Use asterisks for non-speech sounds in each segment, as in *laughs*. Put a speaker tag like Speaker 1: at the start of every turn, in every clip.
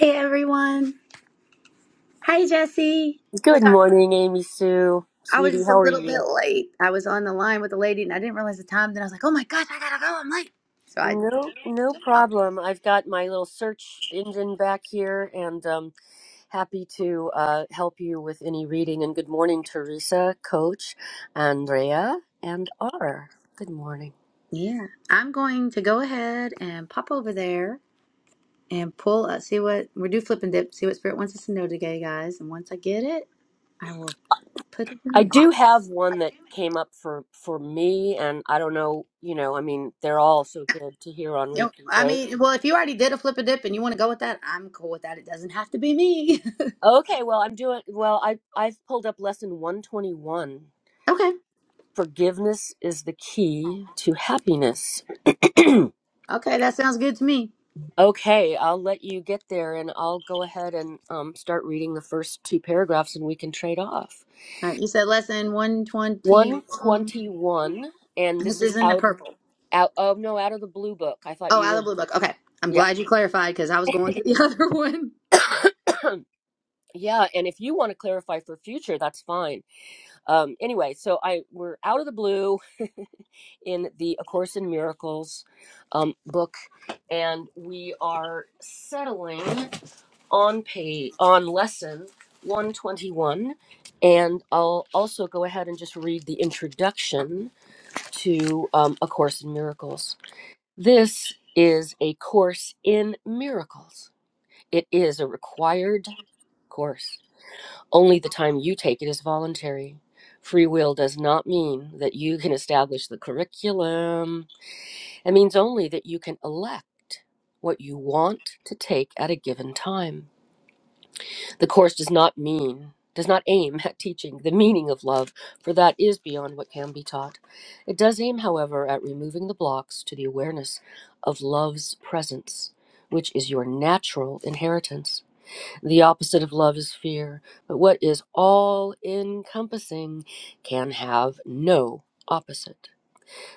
Speaker 1: Hey everyone. Hi Jesse.
Speaker 2: Good
Speaker 1: Sorry,
Speaker 2: morning, Amy Sue.
Speaker 1: I was
Speaker 2: Sweetie,
Speaker 1: just
Speaker 2: how
Speaker 1: a
Speaker 2: are
Speaker 1: little bit
Speaker 2: you?
Speaker 1: late. I was on the line with the lady and I didn't realize the time. Then I was like, oh my gosh, I gotta go. I'm late. So I
Speaker 2: No, no
Speaker 1: jumped out.
Speaker 2: problem. I've got my little search engine back here and um happy to uh, help you with any reading. And good morning, Teresa, Coach, Andrea, and R. Good morning.
Speaker 1: Yeah. I'm going to go ahead and pop over there and pull up, see what we're do flip and dip, see what Spirit wants us to know today, guys. And once I get it, I will put it in
Speaker 2: I
Speaker 1: the
Speaker 2: do
Speaker 1: box.
Speaker 2: have one that came up for for me, and I don't know, you know, I mean, they're all so good to hear on
Speaker 1: You know,
Speaker 2: repeat,
Speaker 1: I
Speaker 2: right?
Speaker 1: mean, well, if you already did a flip and dip and you want to go with that, I'm cool with that. It doesn't have to be me.
Speaker 2: Okay, well, I'm doing well. I I've pulled up lesson 121.
Speaker 1: *laughs* okay.
Speaker 2: Forgiveness is the key to happiness. *clears throat*
Speaker 1: Okay, that sounds good to me.
Speaker 2: okay, I'll let you get there and I'll go ahead and um, start reading the first two paragraphs and we can trade off.
Speaker 1: All right, you said lesson 121.
Speaker 2: 121, and this
Speaker 1: This
Speaker 2: is
Speaker 1: is in the
Speaker 2: out,
Speaker 1: purple.
Speaker 2: out, oh no, out of the blue book. I thought
Speaker 1: Oh,
Speaker 2: you
Speaker 1: out of the
Speaker 2: were,
Speaker 1: blue book. Okay. I'm
Speaker 2: yeah.
Speaker 1: glad you clarified because I was going to the *laughs* other one.
Speaker 2: *coughs* Yeah, and if you want to clarify for future, that's fine. Um, anyway, so I we're out of the blue *laughs* in the A Course in Miracles um, book, and we are settling. on pay on lesson 121 and i'll also go ahead and just read the introduction to um, a course in miracles this is a course in miracles it is a required course only the time you take it is voluntary free will does not mean that you can establish the curriculum it means only that you can elect what you want to take at a given time The course does not mean, does not aim *laughs* at teaching the meaning of love, for that is beyond what can be taught. It does aim, however, at removing the blocks to the awareness of love's presence, which is your natural inheritance. The opposite of love is fear, but what is all encompassing can have no opposite.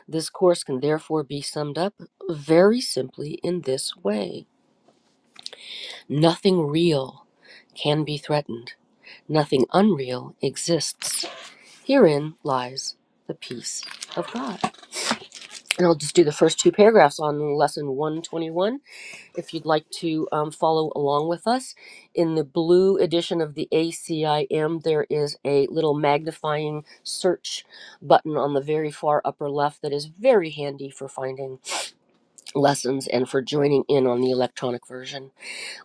Speaker 2: This course can therefore be summed up very simply in this way nothing real can be threatened. Nothing unreal exists. Herein lies the peace of God. And I'll just do the first two paragraphs on lesson 121 if you'd like to um, follow along with us. In the blue edition of the ACIM, there is a little magnifying search button on the very far upper left that is very handy for finding lessons and for joining in on the electronic version.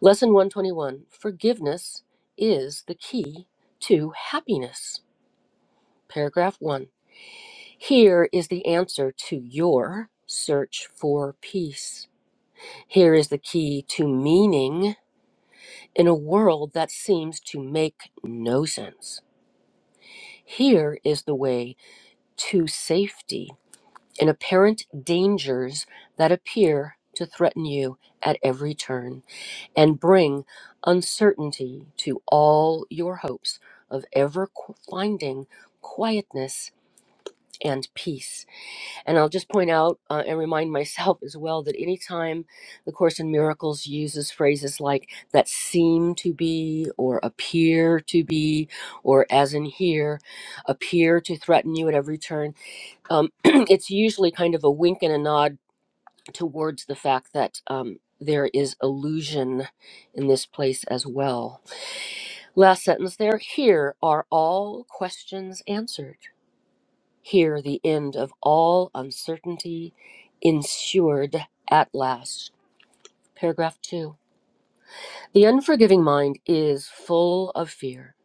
Speaker 2: Lesson 121 Forgiveness is the key to happiness. Paragraph one Here is the answer to your search for peace. Here is the key to meaning in a world that seems to make no sense. Here is the way to safety in apparent dangers that appear to threaten you at every turn and bring uncertainty to all your hopes of ever qu- finding quietness and peace. And I'll just point out uh, and remind myself as well that anytime the Course in Miracles uses phrases like that seem to be or appear to be or as in here, appear to threaten you at every turn, um, *clears throat* it's usually kind of a wink and a nod towards the fact that um, there is illusion in this place as well. Last sentence there here are all questions answered. Here the end of all uncertainty ensured at last. Paragraph 2. The unforgiving mind is full of fear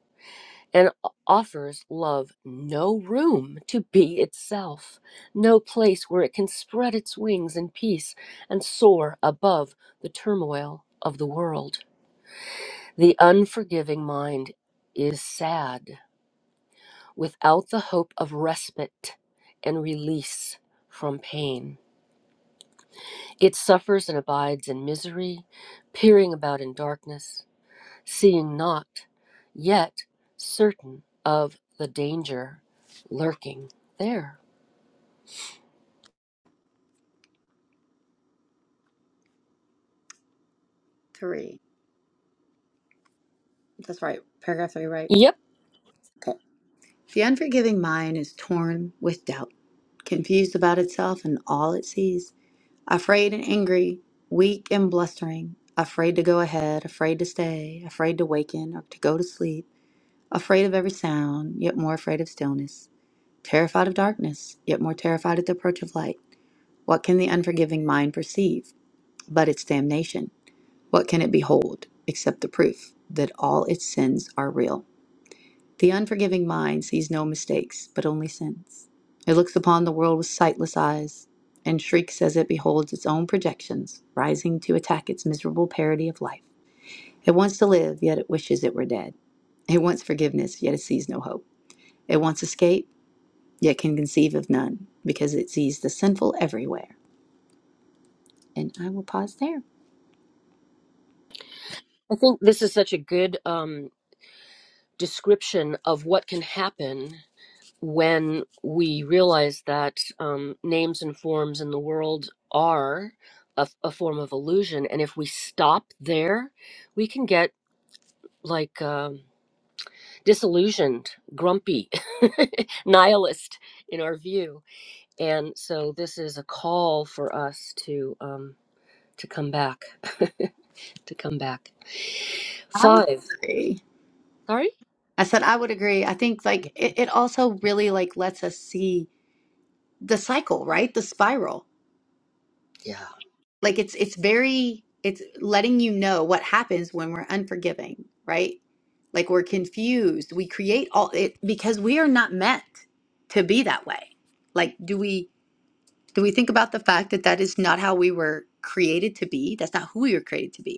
Speaker 2: and offers love no room to be itself, no place where it can spread its wings in peace and soar above the turmoil of the world. The unforgiving mind is sad without the hope of respite and release from pain. It suffers and abides in misery, peering about in darkness, seeing not, yet certain of the danger lurking there.
Speaker 1: Three. That's right. Paragraph three, right?
Speaker 2: Yep.
Speaker 1: Okay. The unforgiving mind is torn with doubt, confused about itself and all it sees, afraid and angry, weak and blustering, afraid to go ahead, afraid to stay, afraid to waken or to go to sleep, afraid of every sound, yet more afraid of stillness terrified of darkness, yet more terrified at the approach of light. What can the unforgiving mind perceive but its damnation? What can it behold except the proof that all its sins are real? The unforgiving mind sees no mistakes, but only sins. It looks upon the world with sightless eyes and shrieks as it beholds its own projections rising to attack its miserable parody of life. It wants to live, yet it wishes it were dead. It wants forgiveness, yet it sees no hope. It wants escape yet can conceive of none, because it sees the sinful everywhere. And I will pause there.
Speaker 2: I think this is such a good um, description of what can happen when we realize that um, names and forms in the world are a, a form of illusion. And if we stop there, we can get like. Um, disillusioned, grumpy, *laughs* nihilist in our view. And so this is a call for us to um, to come back, *laughs* to come back.
Speaker 1: I would
Speaker 2: Five.
Speaker 1: agree.
Speaker 2: Sorry.
Speaker 1: I said I would agree. I think like it, it also really like lets us see the cycle, right? The spiral.
Speaker 2: Yeah.
Speaker 1: Like it's it's very it's letting you know what happens when we're unforgiving, right? Like we're confused. We create all it because we are not meant to be that way. Like do we do we think about the fact that that is not how we were created to be? That's not who we were created to be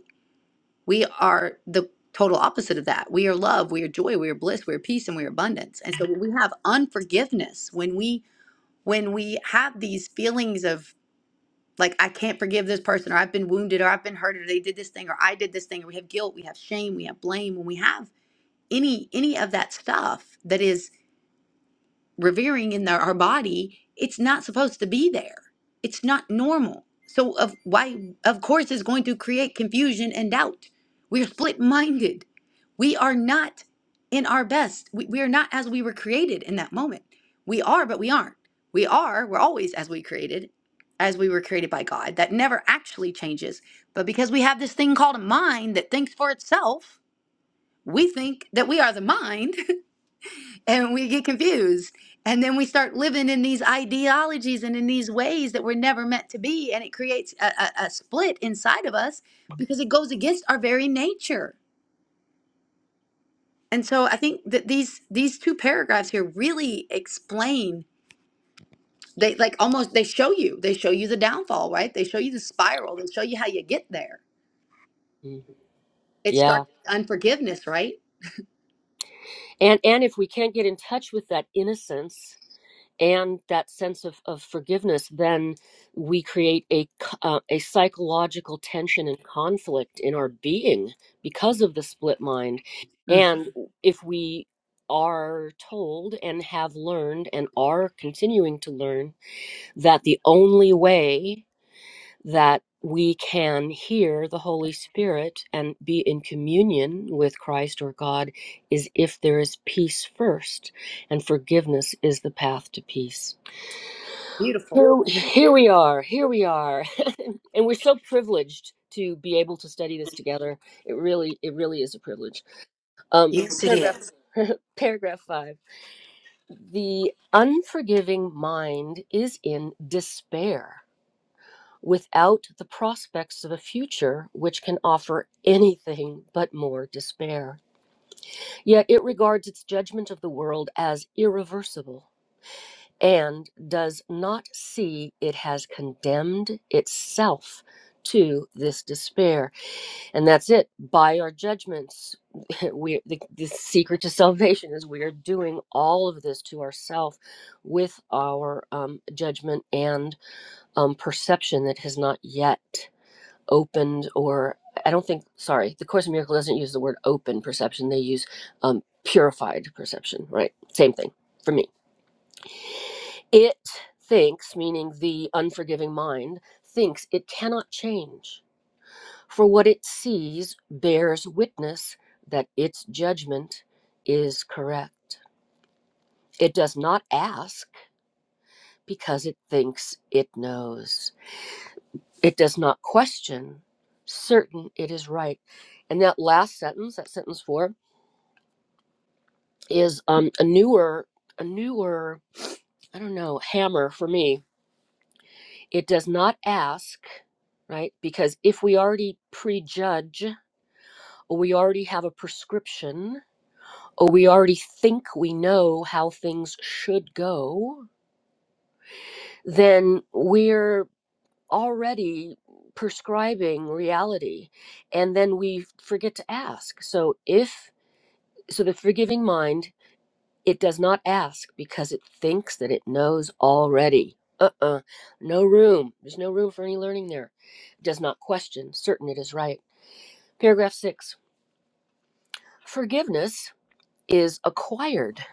Speaker 1: We are the total opposite of that. We are love, we are joy, we are bliss, we are peace, and we are abundance. And so when we have unforgiveness, when we when we have these feelings of like I can't forgive this person, or I've been wounded, or I've been hurt, or they did this thing, or I did this thing, or we have guilt, we have shame, we have blame, when we have any any of that stuff that is revering in their, our body, it's not supposed to be there. It's not normal. So of why of course it's going to create confusion and doubt. We're split-minded. We are not in our best. We, we are not as we were created in that moment. We are, but we aren't. We are, we're always as we created, as we were created by God. That never actually changes. But because we have this thing called a mind that thinks for itself, we think that we are the mind and we get confused and then we start living in these ideologies and in these ways that were never meant to be and it creates a, a, a split inside of us because it goes against our very nature and so i think that these these two paragraphs here really explain they like almost they show you they show you the downfall right they show you the spiral they show you how you get there
Speaker 2: Mm.
Speaker 1: it
Speaker 2: Yeah.
Speaker 1: starts with unforgiveness right
Speaker 2: And and if we can't get in touch with that innocence and that sense of, of forgiveness, then we create a, c- uh, a psychological tension and conflict in our being because of the split mind.
Speaker 1: Mm,
Speaker 2: And if we are told and have learned and are continuing to learn that the only way that we can hear the Holy Spirit and be in communion with Christ or God is if there is peace first, and forgiveness is the path to peace.
Speaker 1: beautiful
Speaker 2: Here, here we are. Here we are. *laughs* And we're so privileged to be able to study this together. It really, it really is a privilege. Um,
Speaker 1: yes it
Speaker 2: paragraph,
Speaker 1: is
Speaker 2: *laughs* paragraph five. The unforgiving mind is in despair without the prospects of a future which can offer anything but more despair. Yet it regards its judgment of the world as irreversible and does not see it has condemned itself to this despair and that's it by our judgments *laughs* we the, the secret to salvation is we are doing all of this to ourselves with our um, judgment and um, perception that has not yet opened or i don't think sorry the course in miracle doesn't use the word open perception they use um, purified perception right same thing for me it thinks, meaning the unforgiving mind, thinks it cannot change, for what it sees bears witness that its judgment is correct. It does not ask because it thinks it knows. It does not question, certain it is right. And that last sentence, that sentence four, is um, a newer, a newer, I don't know, hammer for me It does not ask, right? Because if we already prejudge, or we already have a prescription, or we already think we know how things should go, then we're already prescribing reality. And then we forget to ask. So if, so the forgiving mind It does not ask because it thinks that it knows already. Uh uh No room. There's no room for any learning there. It does not question, certain it is right. Paragraph six Forgiveness is acquired.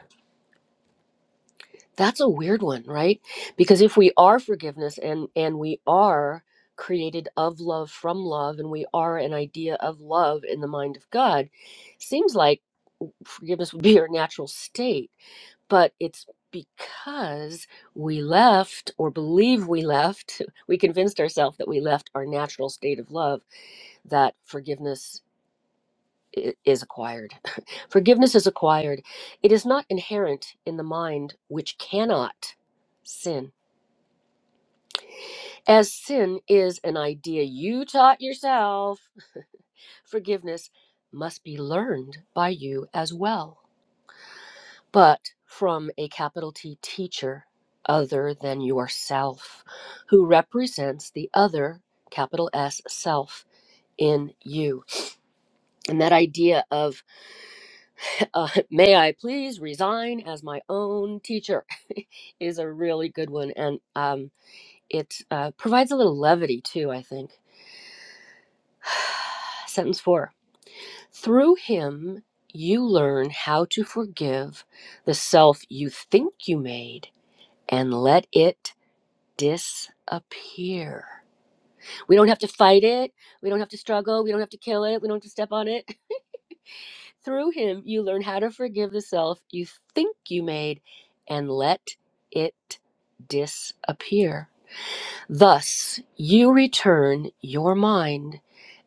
Speaker 2: That's a weird one, right? Because if we are forgiveness and, and we are created of love from love and we are an idea of love in the mind of God, seems like forgiveness would be our natural state but it's because we left or believe we left *laughs* we convinced ourselves that we left our natural state of love that forgiveness i- is acquired *laughs* forgiveness is acquired it is not inherent in the mind which cannot sin as sin is an idea you taught yourself forgiveness must be learned by you as well but from a capital T teacher other than yourself, who represents the other capital S self in you. And that idea of, uh, *laughs* may I please resign as my own teacher, *laughs* is a really good one. And um, it uh, provides a little levity too, I think. *sighs* Sentence four Through him, you learn how to forgive the self you think you made and let it disappear. We don't have to fight it. We don't have to struggle. We don't have to kill it. We don't have to step on it. *laughs* Through him, you learn how to forgive the self you think you made and let it disappear. Thus, you return your mind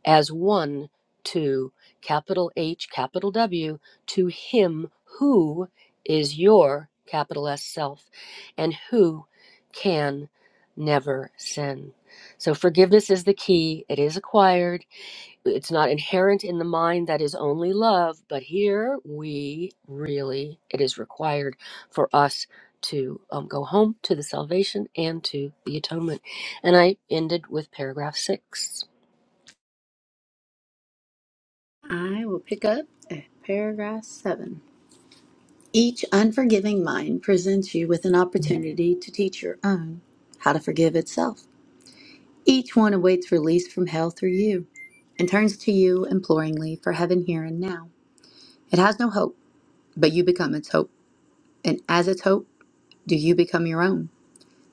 Speaker 2: as one to capital H, capital W, to Him who is your capital S self and who can never sin. So, forgiveness is the key. It is acquired, it's not inherent in the mind that is only love, but here we really, it is required for us to um, go home to the salvation and to the atonement. And I ended with paragraph six.
Speaker 1: i will pick up at paragraph seven Each unforgiving mind presents you with an opportunity to teach your own how to forgive itself. Each one awaits release from hell through you and turns to you imploringly for heaven here and now. It has no hope, but you become its hope. And as its hope, do you become your own?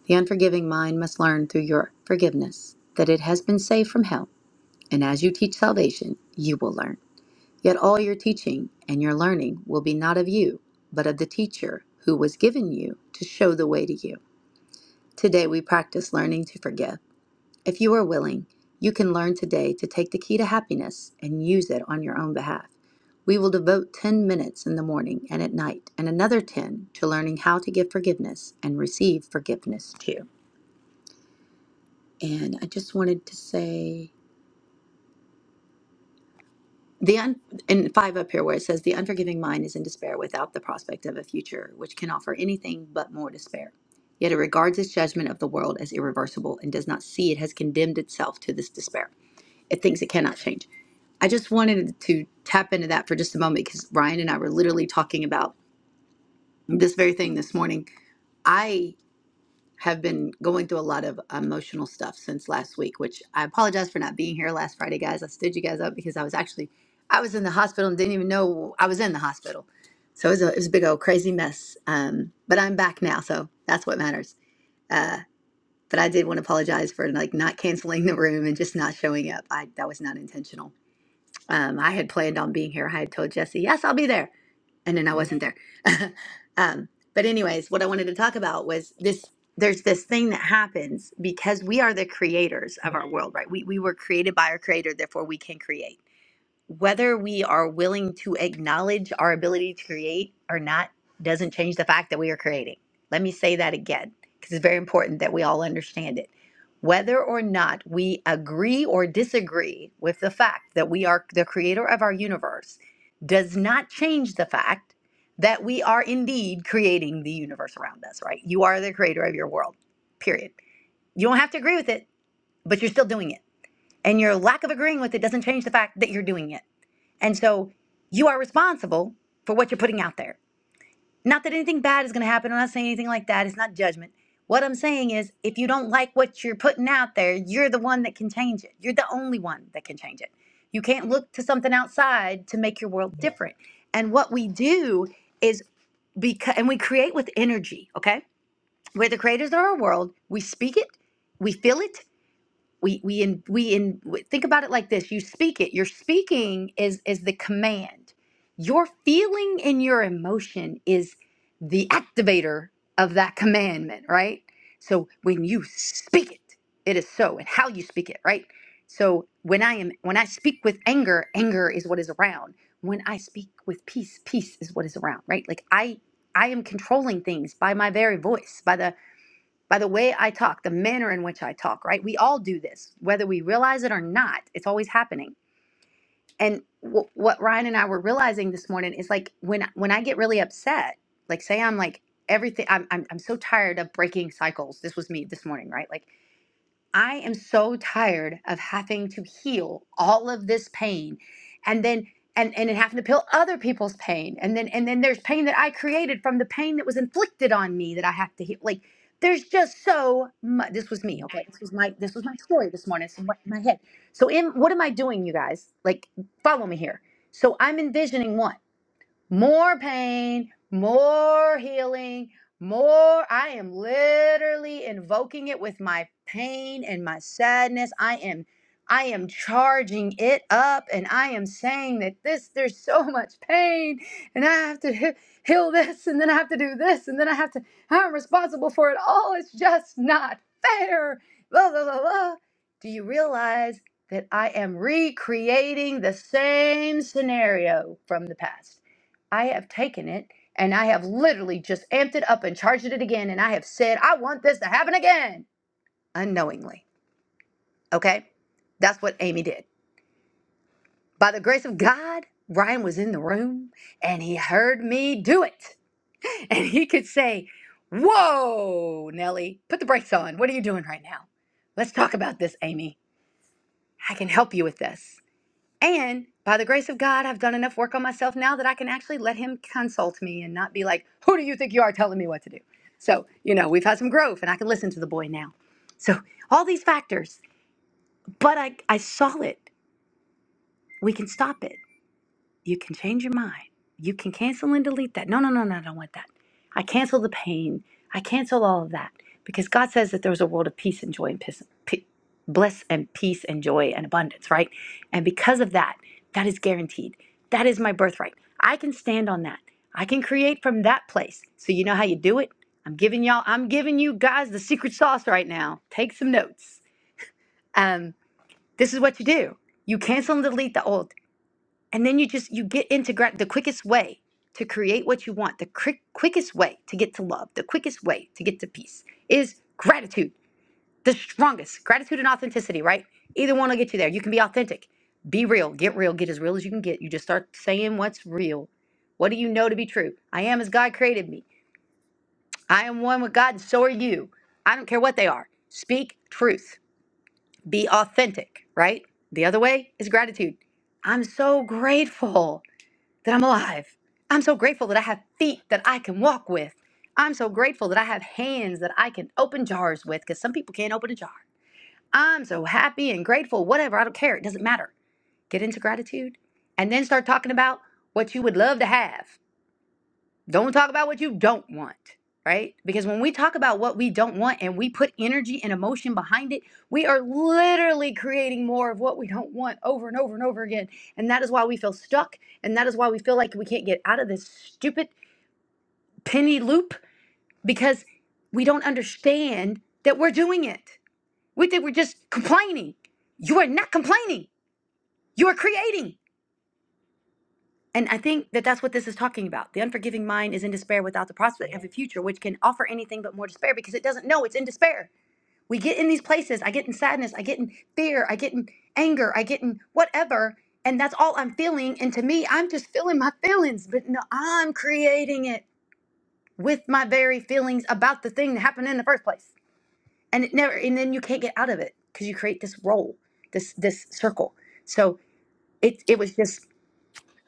Speaker 1: The unforgiving mind must learn through your forgiveness that it has been saved from hell. And as you teach salvation, you will learn. Yet all your teaching and your learning will be not of you, but of the teacher who was given you to show the way to you. Today, we practice learning to forgive. If you are willing, you can learn today to take the key to happiness and use it on your own behalf. We will devote 10 minutes in the morning and at night, and another 10 to learning how to give forgiveness and receive forgiveness too. And I just wanted to say the un- in five up here where it says the unforgiving mind is in despair without the prospect of a future which can offer anything but more despair. Yet it regards its judgment of the world as irreversible and does not see it has condemned itself to this despair. It thinks it cannot change. I just wanted to tap into that for just a moment because Ryan and I were literally talking about this very thing this morning. I have been going through a lot of emotional stuff since last week, which I apologize for not being here last Friday, guys. I stood you guys up because I was actually I was in the hospital and didn't even know I was in the hospital. So it was a, it was a big old crazy mess. Um, but I'm back now, so that's what matters. Uh, but I did want to apologize for like not canceling the room and just not showing up. I that was not intentional Um, I had planned on being here. I had told Jesse, yes, I'll be there. And then I wasn't there. *laughs* um, but, anyways, what I wanted to talk about was this there's this thing that happens because we are the creators of our world, right? We, we were created by our creator, therefore we can create whether we are willing to acknowledge our ability to create or not doesn't change the fact that we are creating. Let me say that again because it's very important that we all understand it. Whether or not we agree or disagree with the fact that we are the creator of our universe does not change the fact that we are indeed creating the universe around us, right? You are the creator of your world, period. You don't have to agree with it, but you're still doing it. And your lack of agreeing with it doesn't change the fact that you're doing it. And so you are responsible for what you're putting out there. Not that anything bad is going to happen. I'm not saying anything like that. It's not judgment. What I'm saying is, if you don't like what you're putting out there, you're the one that can change it. You're the only one that can change it. You can't look to something outside to make your world different. And what we do is because, and we create with energy, okay? We're the creators of our world. We speak it, we feel it, we we in we in think about it like this you speak it your speaking is is the command your feeling and your emotion is the activator of that commandment right so when you speak it it is so and how you speak it right so when i am when i speak with anger anger is what is around when i speak with peace peace is what is around right like i i am controlling things by my very voice by the by the way I talk, the manner in which I talk, right? We all do this, whether we realize it or not. It's always happening. And w- what Ryan and I were realizing this morning is like when when I get really upset, like say I'm like everything I'm, I'm I'm so tired of breaking cycles. This was me this morning, right? Like I am so tired of having to heal all of this pain and then and and then having to peel other people's pain and then and then there's pain that I created from the pain that was inflicted on me that I have to heal like there's just so much this was me okay this was my this was my story this morning it's in my my head so in what am I doing you guys like follow me here so I'm envisioning one more pain, more healing, more. I am literally invoking it with my pain and my sadness. I am I am charging it up and I am saying that this there's so much pain and I have to he- heal this and then I have to do this and then I have to I'm responsible for it all. It's just not fair. Blah blah blah. blah. Do you realize that I am recreating the same scenario from the past? I have taken it and I have literally just amped it up and charged it again. And I have said, I want this to happen again unknowingly. Okay. That's what Amy did. By the grace of God, Ryan was in the room and he heard me do it. *laughs* And he could say, Whoa, Nellie, put the brakes on. What are you doing right now? Let's talk about this, Amy. I can help you with this. And by the grace of God, I've done enough work on myself now that I can actually let Him consult me and not be like, who do you think you are telling me what to do? So, you know, we've had some growth and I can listen to the boy now. So, all these factors, but I, I saw it. We can stop it. You can change your mind. You can cancel and delete that. No, no, no, no, I don't want that. I cancel the pain. I cancel all of that because God says that there's a world of peace and joy and peace, pe- bliss and peace and joy and abundance, right? And because of that, that is guaranteed. That is my birthright. I can stand on that. I can create from that place. So you know how you do it? I'm giving y'all, I'm giving you guys the secret sauce right now. Take some notes. Um, this is what you do. You cancel and delete the old and then you just you get into gra- the quickest way to create what you want the quick quickest way to get to love the quickest way to get to peace is gratitude the strongest gratitude and authenticity right either one will get you there you can be authentic be real get real get as real as you can get you just start saying what's real what do you know to be true i am as god created me i am one with god and so are you i don't care what they are speak truth be authentic right the other way is gratitude i'm so grateful that I'm alive. I'm so grateful that I have feet that I can walk with. I'm so grateful that I have hands that I can open jars with because some people can't open a jar. I'm so happy and grateful, whatever, I don't care. It doesn't matter. Get into gratitude and then start talking about what you would love to have. Don't talk about what you don't want, right? Because when we talk about what we don't want and we put energy and emotion behind it, we are literally creating more of what we don't want over and over and over again. And that is why we feel stuck. And that is why we feel like we can't get out of this stupid penny loop because we don't understand that we're doing it. We think we're just complaining. You are not complaining, you are creating. And I think that that's what this is talking about. The unforgiving mind is in despair without the prospect of a future, which can offer anything but more despair because it doesn't know it's in despair. We get in these places. I get in sadness. I get in fear. I get in anger. I get in whatever. And that's all I'm feeling. And to me, I'm just feeling my feelings, but no, I'm creating it with my very feelings about the thing that happened in the first place. And it never, and then you can't get out of it because you create this role, this, this circle. So it, it was just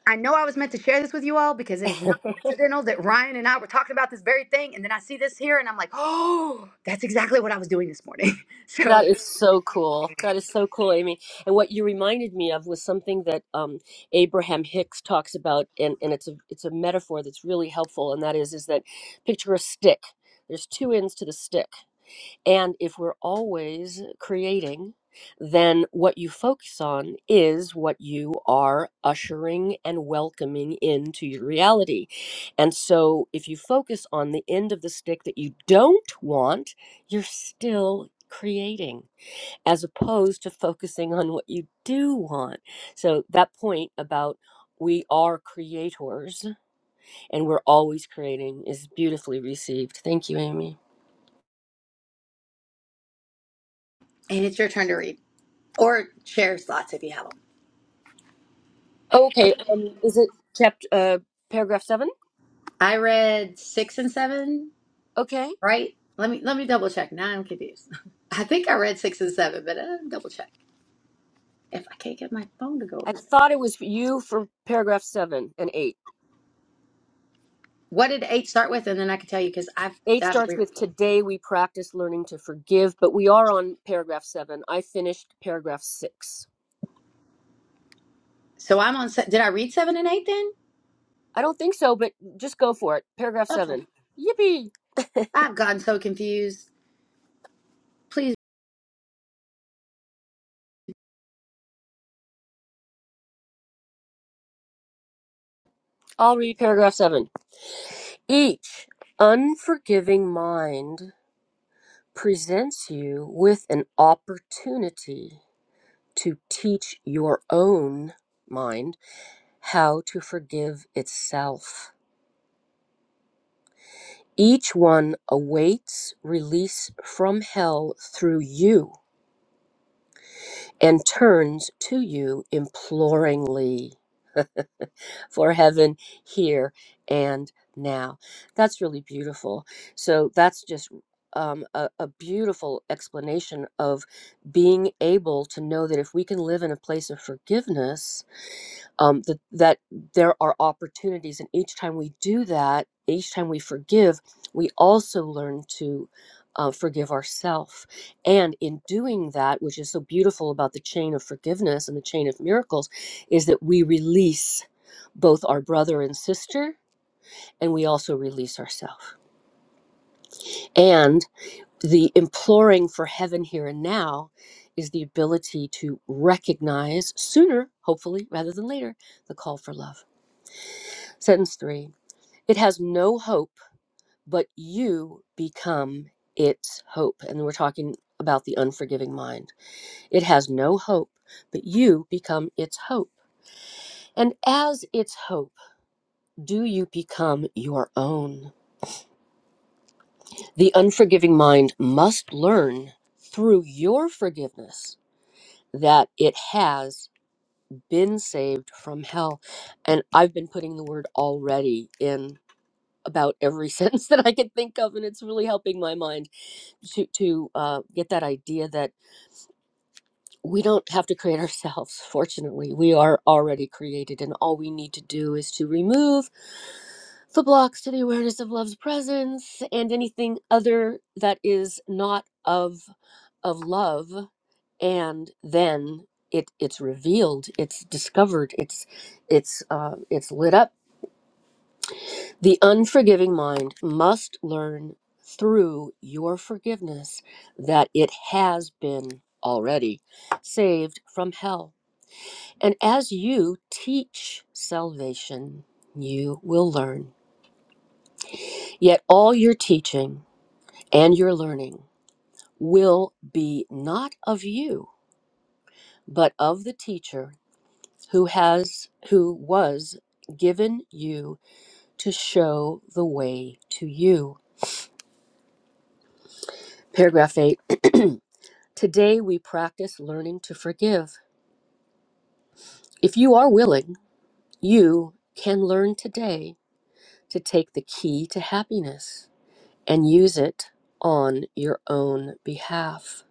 Speaker 1: I know I was meant to share this with you all because it
Speaker 2: *laughs*
Speaker 1: is not coincidental that Ryan and I were talking about this very thing. And then I see this here and I'm like, oh, that's exactly what I was doing this morning. *laughs*
Speaker 2: That
Speaker 1: So,
Speaker 2: is so cool. That is so cool, Amy. And what you reminded me of was something that um, Abraham Hicks talks about, and, and it's a it's a metaphor that's really helpful, and that is is that picture a stick. There's two ends to the stick And if we're always creating, then what you focus on is what you are ushering and welcoming into your reality. And so if you focus on the end of the stick that you don't want, you're still creating as opposed to focusing on what you do want. So that point about we are creators and we're always creating is beautifully received. Thank you, Amy.
Speaker 1: and it's your turn to read or share slots if you have them.
Speaker 2: Okay, um, is it chapter uh paragraph seven?
Speaker 1: I read six and seven,
Speaker 2: Okay,
Speaker 1: right? Let me let me double check. Now I'm confused. *laughs* I think I read six and seven, but uh, double check if I can't get my phone to go
Speaker 2: I
Speaker 1: over there.
Speaker 2: thought it was for you for paragraph seven and eight.
Speaker 1: What did eight start with? And then I can tell you because I've
Speaker 2: Eight
Speaker 1: got to
Speaker 2: starts
Speaker 1: read.
Speaker 2: with today we practice learning to forgive, but we are on paragraph seven. I finished paragraph six.
Speaker 1: So I'm on. se- Did I read seven and eight then?
Speaker 2: I don't think so, but just go for it. Paragraph
Speaker 1: Okay.
Speaker 2: seven. Yippee! *laughs*
Speaker 1: I've gotten so confused. Please.
Speaker 2: I'll read paragraph seven. Each unforgiving mind presents you with an opportunity to teach your own mind how to forgive itself. Each one awaits release from hell through you and turns to you imploringly for heaven here and now. That's really beautiful. So, that's just um, a, a beautiful explanation of being able to know that if we can live in a place of forgiveness, um, that that there are opportunities, and each time we do that, each time we forgive, we also learn to uh, forgive ourselves. And in doing that, which is so beautiful about the chain of forgiveness and the chain of miracles, is that we release both our brother and sister, and we also release ourselves. And the imploring for heaven here and now is the ability to recognize sooner, hopefully, rather than later, the call for love. Sentence three It has no hope, but you become its hope. And we're talking about the unforgiving mind. It has no hope, but you become its hope. And as its hope, do you become your own? The unforgiving mind must learn through your forgiveness that it has been saved from hell. And I've been putting the word already in about every *laughs* sentence that I can think of, and it's really helping my mind to to uh, get that idea that we don't have to create *laughs* ourselves. Fortunately, we are already created, and all we need to do is to remove the blocks to the awareness of love's presence and anything other that is not of of love, and then it it's revealed, it's discovered, it's it's uh, it's lit up the unforgiving mind must learn through your forgiveness that it has been already saved from hell. And as you teach salvation, you will learn. Yet all your teaching and your learning will be not of you, but of the teacher who has who was given you to show the way to you. Paragraph 8. *clears throat* Today, we practice learning to forgive. If you are willing, you can learn today to take the key to happiness and use it on your own behalf.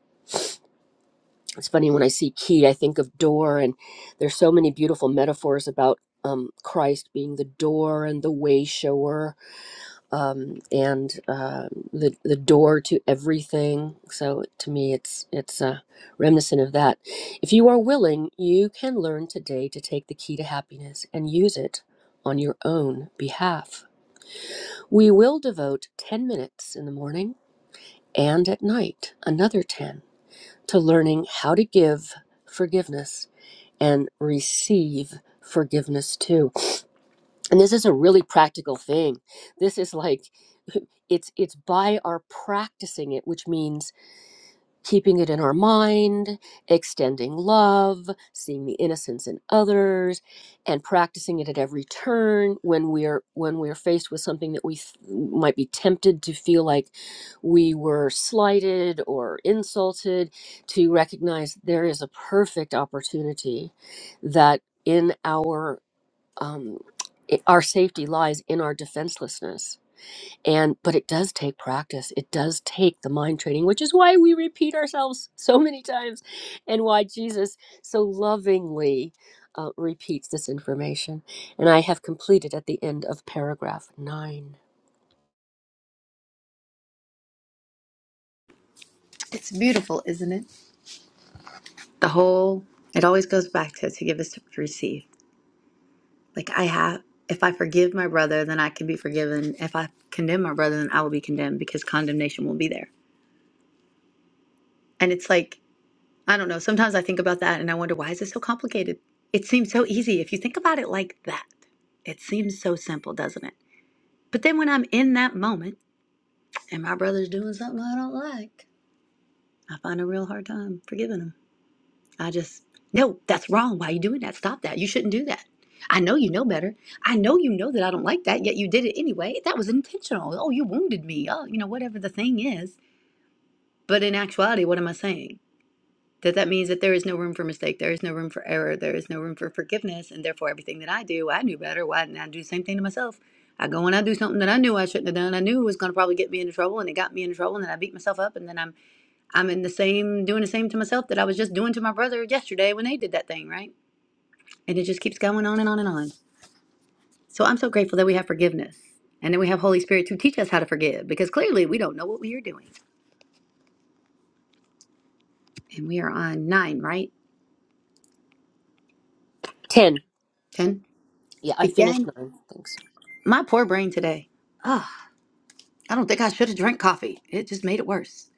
Speaker 2: It's funny when I see key, I think of door, and there's so many beautiful metaphors about um, Christ being the door and the way shower um, and um the the door to everything. So to me, it's it's uh, reminiscent of that. If you are willing, you can learn today to take the key to happiness and use it on your own behalf. We will devote ten minutes in the morning and at night, another ten, to learning how to give forgiveness and receive forgiveness too and this is a really practical thing this is like *laughs* it's it's by our practicing it which means keeping it in our mind extending love seeing the innocence in others and practicing it at every turn when we're when we're faced with something that we th- might be tempted to feel like we were slighted or insulted to recognize there is a perfect opportunity that in our um, it, our safety lies in our defenselessness and but it does take practice it does take the mind training which is why we repeat ourselves so many times and why jesus so lovingly uh, repeats this information and i have completed at the end of paragraph 9
Speaker 1: It's beautiful, isn't it? The whole, it always goes back to to give is to receive. Like I have, if I forgive my brother, then I can be forgiven. If I condemn my brother, then I will be condemned because condemnation will be there. And it's like, I don't know. Sometimes I think about that and I wonder, why is it so complicated? It seems so easy. If you think about it like that, it seems so simple, doesn't it? But then when I'm in that moment and my brother's doing something I don't like, I find a real hard time forgiving him. I just, no, that's wrong. Why are you doing that? Stop that. You shouldn't do that. I know you know better. I know you know that I don't like that, yet you did it anyway. That was intentional. Oh, you wounded me. Oh, you know, whatever the thing is. But in actuality, what am I saying? That that means that there is no room for mistake. There is no room for error. There is no room for forgiveness. And therefore, everything that I do, I knew better. Why didn't I do the same thing to myself? I go and I do something that I knew I shouldn't have done. I knew it was going to probably get me into trouble, and it got me into trouble. And then I beat myself up, and then I'm I'm in the same doing the same to myself that I was just doing to my brother yesterday when they did that thing, right? And it just keeps going on and on and on. So I'm so grateful that we have forgiveness. And then we have Holy Spirit to teach us how to forgive because clearly we don't know what we are doing. And we are on nine, right?
Speaker 2: 10
Speaker 1: Ten.
Speaker 2: yeah i finished
Speaker 1: Begin
Speaker 2: 9 thanks
Speaker 1: my poor brain today. Ugh, I don't think I should have drank coffee. It just made it worse.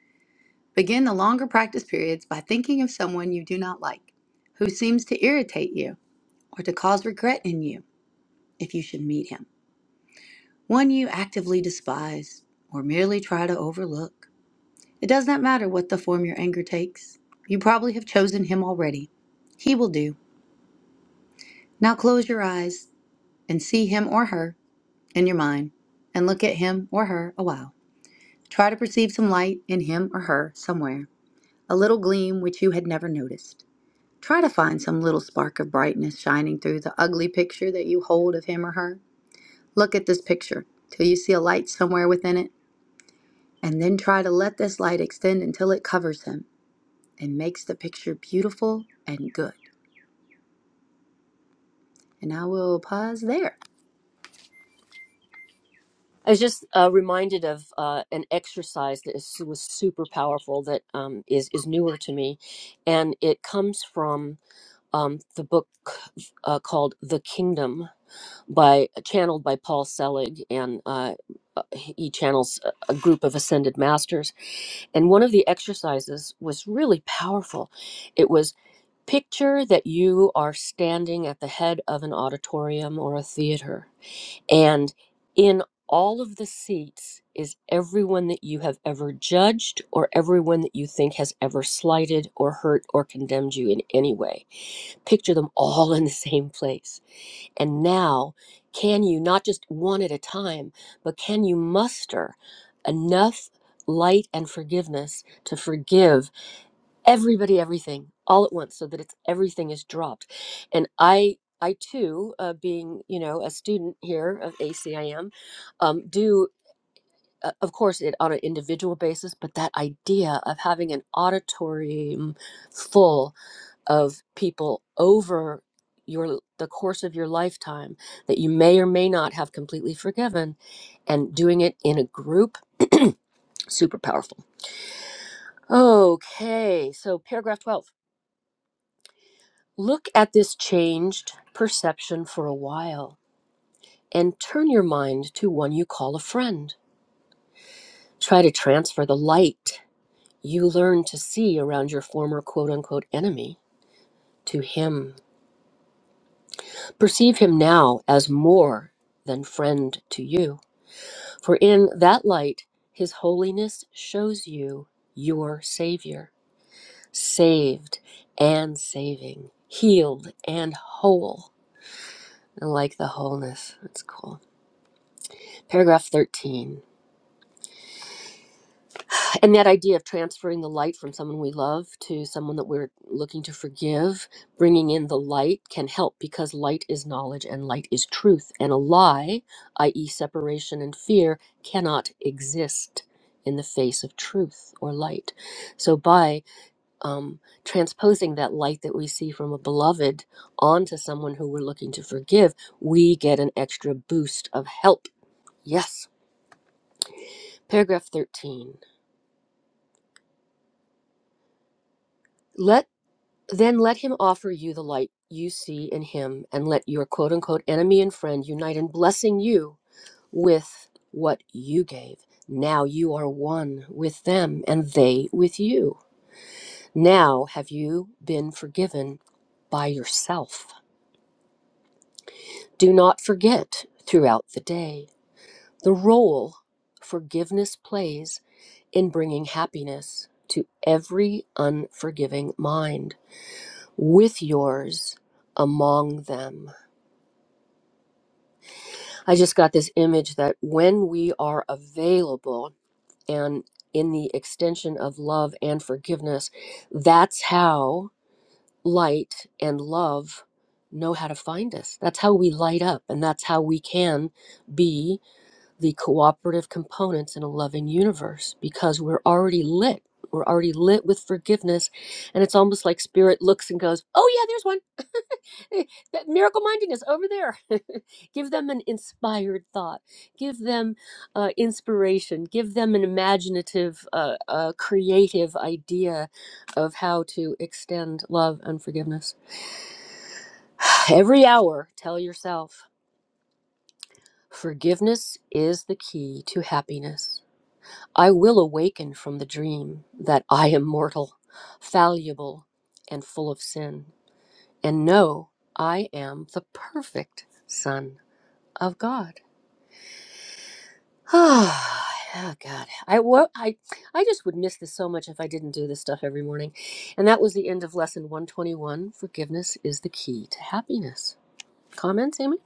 Speaker 1: Begin the longer practice periods by thinking of someone you do not like, who seems to irritate you or to cause regret in you if you should meet him. One you actively despise or merely try to overlook. It does not matter what the form your anger takes. You probably have chosen him already. He will do. Now close your eyes and see him or her in your mind and look at him or her a while. Try to perceive some light in him or her somewhere, a little gleam which you had never noticed. Try to find some little spark of brightness shining through the ugly picture that you hold of him or her. Look at this picture till you see a light somewhere within it, and then try to let this light extend until it covers him and makes the picture beautiful and good. And I will pause there.
Speaker 2: i was just uh, reminded of uh, an exercise that is, was super powerful that um, is, is newer to me and it comes from um, the book uh, called The Kingdom by channeled by Paul Selig and uh, uh, he channels a a group of ascended masters and one of the exercises was really powerful. It was picture that you are standing at the head of an auditorium or a theater and in all of the seats is everyone that you have ever judged or everyone that you think has ever slighted or hurt or condemned you in any way picture them all *laughs* in the same place. And now, can you, not just one at a time, but can you muster enough light and forgiveness to forgive everybody everything all at once so that it's everything is dropped and i i too uh, being you know a student here of acim um, do uh, of course it on an individual basis but that idea of having an auditorium full of people over your the course of your lifetime that you may or may not have completely forgiven and doing it in a group *clears throat* super powerful okay so paragraph 12 look at this changed perception for a while and turn your mind to one you call a friend try to transfer the light you learn to see around your former quote unquote enemy to him perceive him now as more than friend to you For in that light, his holiness shows you your Savior, saved and saving, healed and whole. I like the wholeness. That's cool. Paragraph 13. and that idea of transferring the light from someone we love to someone that we're looking to forgive bringing in the light can help because light is knowledge and light is truth and a lie i.e separation and fear cannot exist in the face of truth or light so by um, transposing that light that we see from a beloved onto someone who we're looking to forgive we get an extra boost of help yes paragraph 13 Let. Then let him offer you the light you see in him, and let your quote unquote enemy and friend unite in blessing you with what you gave. Now you are one with them, and they with you. Now have you been forgiven by yourself. Do not forget throughout the day the role forgiveness plays in bringing happiness to every unforgiving mind, with yours among them. I just got this image that when we are available and in the extension of love and forgiveness, that's how light and love know how to find us. That's how we light up, and that's how we can be the cooperative components in a loving universe because we're already lit. We're already lit with forgiveness. And it's almost like spirit looks and goes, Oh, yeah, there's one *laughs* that miracle mindedness over there. *laughs* give them an inspired thought. Give them uh, inspiration. Give them an imaginative, uh, uh, creative idea of how to extend love and forgiveness. *sighs* Every hour, tell yourself forgiveness is the key to happiness. I will awaken from the dream that I am mortal, fallible, and full of sin, and know I am the perfect son. of God. *sighs* Ah, oh, God. I, well, I, I just would miss this so much if I didn't do this stuff every morning. And that was the end of lesson 121. Forgiveness is the key to happiness. Comments, Amy?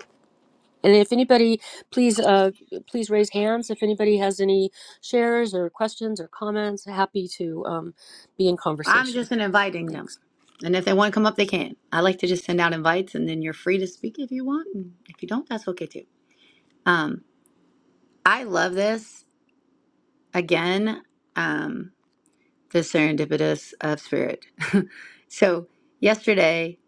Speaker 2: And if anybody, please, uh, please raise hands. If anybody has any shares or questions or comments, happy to um, be in
Speaker 1: I'm
Speaker 2: conversation.
Speaker 1: just inviting them.
Speaker 2: Thanks.
Speaker 1: And if they want to come up, they can. I like to just send out invites and then you're free to speak if you want. And if you don't, that's okay too. Um, I love this. Again, um, the serendipitous of spirit. *laughs* so yesterday,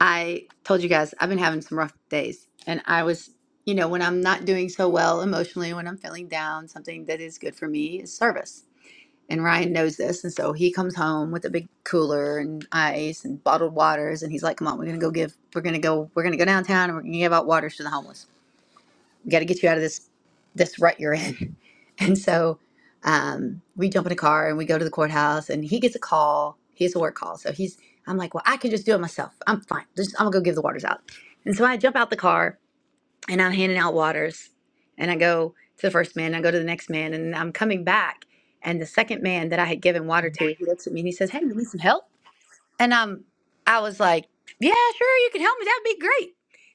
Speaker 1: I told you guys I've been having some rough days. And I was, you know, when I'm not doing so well emotionally, when I'm feeling down, something that is good for me is service and Ryan knows this, and so he comes home with a big cooler and ice and bottled waters, and he's like, "Come on, we're gonna go give, we're gonna go, we're gonna go downtown, and we're gonna give out waters to the homeless. We got to get you out of this this rut you're in." *laughs* And so um, we jump in a car and we go to the courthouse, and he gets a call. He has a work call, so he's. I'm like, "Well, I can just do it myself. I'm fine. Just, I'm gonna go give the waters out." And so I jump out the car and I'm handing out waters. And I go to the first man, and I go to the next man, and I'm coming back. And the second man that I had given water to, he looks at me and he says, Hey, you need some help? And um, I was like, yeah, sure, you can help me. That'd be great.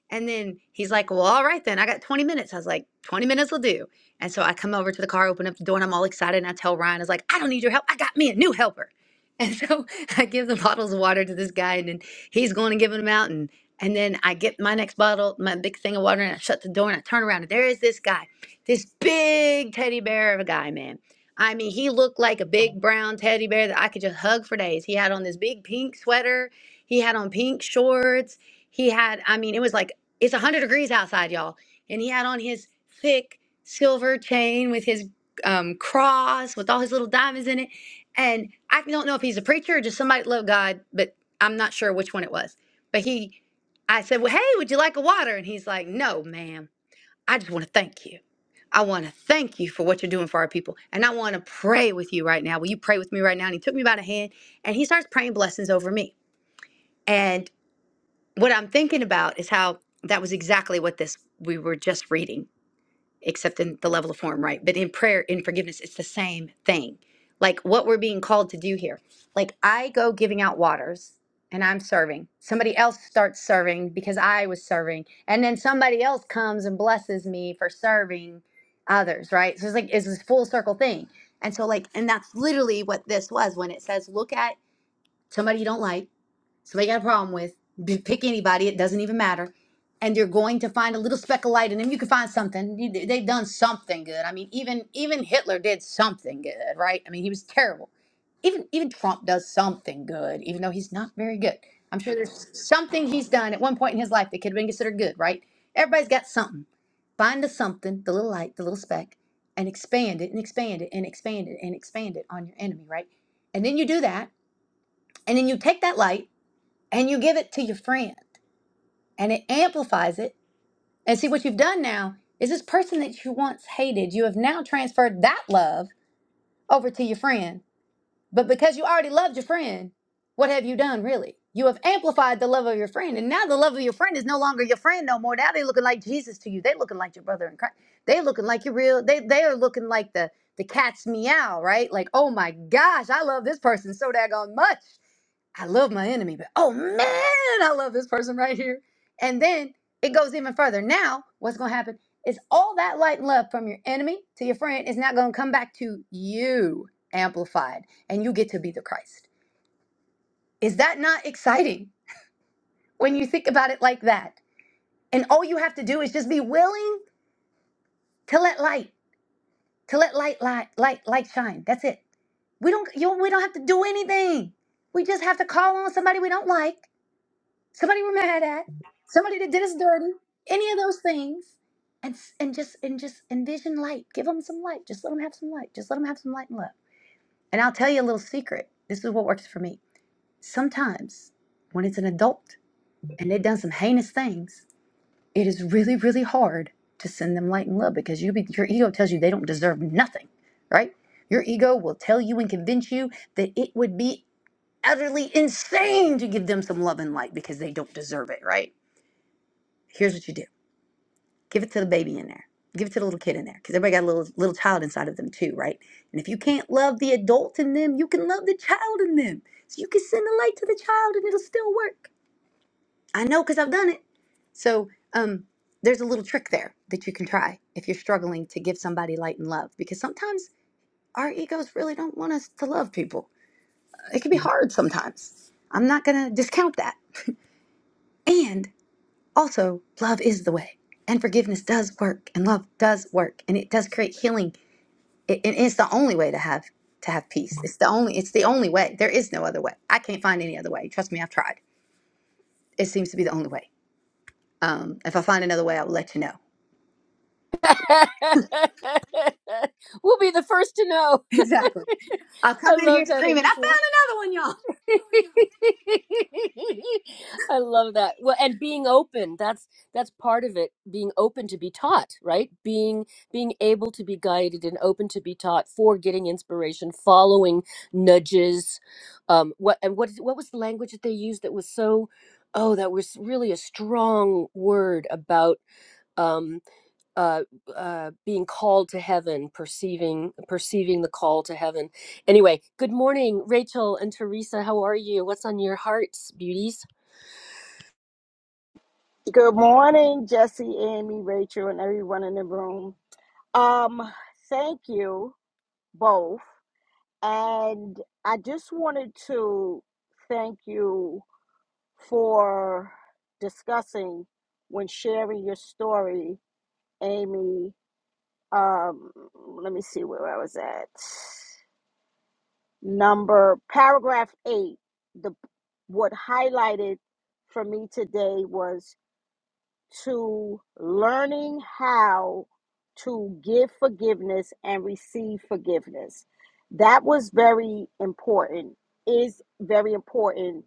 Speaker 1: And then he's like, well, all right then. I got 20 minutes. I was like, 20 minutes will do. And so I come over to the car, open up the door, and I'm all excited. And I tell Ryan, I was like, I don't need your help. I got me a new helper. And so *laughs* I give the bottles of water to this guy, and then he's going and giving them out. And and then I get my next bottle, my big thing of water, and I shut the door and I turn around. And there is this guy, this big teddy bear of a guy, man I mean, he looked like a big brown teddy bear that I could just hug for days. He had on this big pink sweater. He had on pink shorts. He had, I mean, it was like, it's 100 degrees outside, y'all. And he had on his thick silver chain with his um, cross, with all his little diamonds in it. And I don't know if he's a preacher or just somebody that loved God, but I'm not sure which one it was. But he, I said, Well, hey, would you like a water? And he's like, No, ma'am. I just want to thank you. I want to thank you for what you're doing for our people. And I want to pray with you right now. Will you pray with me right now? And he took me by the hand and he starts praying blessings over me. And what I'm thinking about is how that was exactly what this we were just reading except in the level of form, right? But in prayer, in forgiveness, it's the same thing. Like what we're being called to do here. Like I go giving out waters and I'm serving. Somebody else starts serving because I was serving. And then somebody else comes and blesses me for serving others, right? So it's like it's this full circle thing. And so like and that's literally what this was when it says look at somebody you don't like so they got a problem with B- pick anybody. It doesn't even matter. And you're going to find a little speck of light in them. You can find something. You- they- They've done something good. I mean, even even Hitler did something good, right? I mean, he was terrible. Even even Trump does something good, even though he's not very good. I'm sure there's something he's done at one point in his life that could have been considered good, right? Everybody's got something. Find the something, the little light, the little speck, and expand it and expand it and expand it and expand it on your enemy, right? And then you do that, and then you take that light and you give it to your friend and it amplifies it. And see, what you've done now is this person that you once hated, you have now transferred that love over to your friend. But because you already loved your friend, what have you done really? You have amplified the love of your friend, and now the love of your friend is no longer your friend no more. Now they're looking like Jesus to you. They are looking like your brother in Christ. They are looking like your real. They they are looking like the the cat's meow, right? Like, oh my gosh, I love this person so daggone much. I love my enemy, but oh man, I love this person right here. And then it goes even further. Now, what's going to happen is all that light and love from your enemy to your friend is now going to come back to you amplified, and you get to be the Christ. Is that not exciting when you think about it like that? And all you have to do is just be willing to let light, to let light, light, light, light shine. That's it. We don't, you, we don't have to do anything. We just have to call on somebody we don't like somebody we're mad at, somebody that did us dirty, any of those things, and s- and just and just envision light. Give them some light. Just let them have some light. Just let them have some light and love. And I'll tell you a little secret. This is what works for me. Sometimes when it's an adult and they've done some heinous things, it is really really hard to send them light and love because you be, your ego tells you they don't deserve nothing, right? Your ego will tell you and convince you that it would be utterly insane to give them some love and light because they don't deserve it, right? Here's what you do. Give it to the baby in there. Give it to the little kid in there. Because everybody got a little little child inside of them too, right? And if you can't love the adult in them, you can love the child in them. So you can send the light to the child and it'll still work. I know because I've done it. So um there's a little trick there that you can try if you're struggling to give somebody light and love. Because sometimes our egos really don't want us to love people. It can be hard sometimes. I'm not gonna discount that. And. Also, love is the way, and forgiveness does work, and love does work, and it does create healing. It, it's the only way to have to have peace. It's the only. It's the only way. There is no other way. I can't find any other way. Trust me, I've tried. It seems to be the only way. Um, if I find another way, I will let you know. *laughs*
Speaker 2: *laughs* we'll be the first to know.
Speaker 1: Exactly. I'll
Speaker 2: I
Speaker 1: come in here
Speaker 2: love that,
Speaker 1: screaming, "I
Speaker 2: Amy.
Speaker 1: found another one, y'all!"
Speaker 2: *laughs* I love that. Well, and being open, that's that's part of it, being open to be taught, right? Being being able to be guided and open to be taught for getting inspiration, following nudges. Um what and what is- what was the language that they used that was so oh, that was really a strong word about um, uh, uh, being called to heaven, perceiving perceiving the call to heaven. Anyway, good morning, Rachel and Teresa. How are you? What's on your hearts, beauties?
Speaker 3: Good morning, Jesse, Amy, Rachel, and everyone in the room. Um, thank you both. And I just wanted to thank you for discussing when sharing your story, Amy. Um, let me see where I was at. Number paragraph eight. The what highlighted for me today was to learning how to give forgiveness and receive forgiveness. That was very important, is very important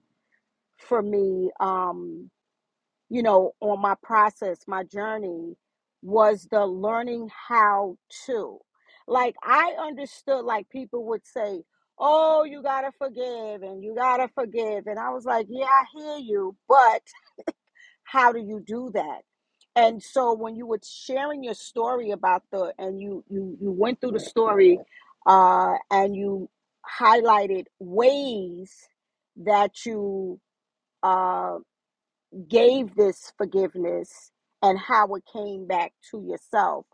Speaker 3: for me, um, you know, on my process, my journey was the learning how to. Like, I understood, like, people would say, Oh, you gotta forgive and you gotta forgive. And I was like, Yeah, I hear you, but how do you do that and so when you were sharing your story about the and you you you went through the story uh and you highlighted ways that you uh gave this forgiveness and how it came back to yourself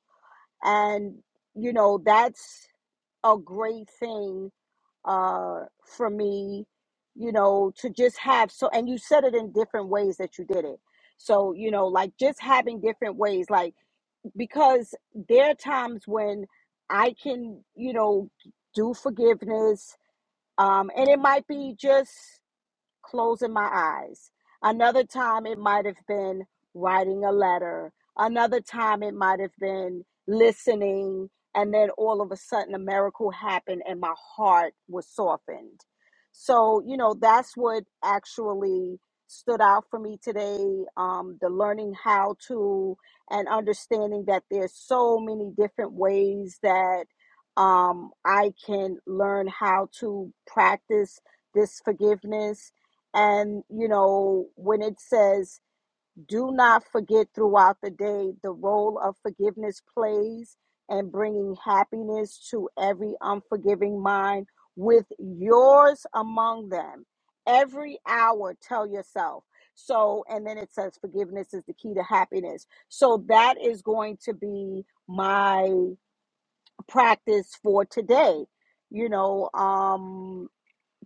Speaker 3: and you know that's a great thing uh, for me, you know, to just have so, and you said it in different ways that you did it. So, you know, like just having different ways, like because there are times when I can, you know, do forgiveness. Um, and it might be just closing my eyes. Another time it might have been writing a letter. Another time it might have been listening. And then all of a sudden a miracle happened and my heart was softened. So, you know, that's what actually stood out for me today um, the learning how to and understanding that there's so many different ways that um, I can learn how to practice this forgiveness and, you know, when it says, do not forget throughout the day, the role of forgiveness plays and bringing happiness to every unforgiving mind with yours among them. Every hour, tell yourself. So, and then it says, forgiveness is the key to happiness. So, that is going to be my practice for today. You know, um,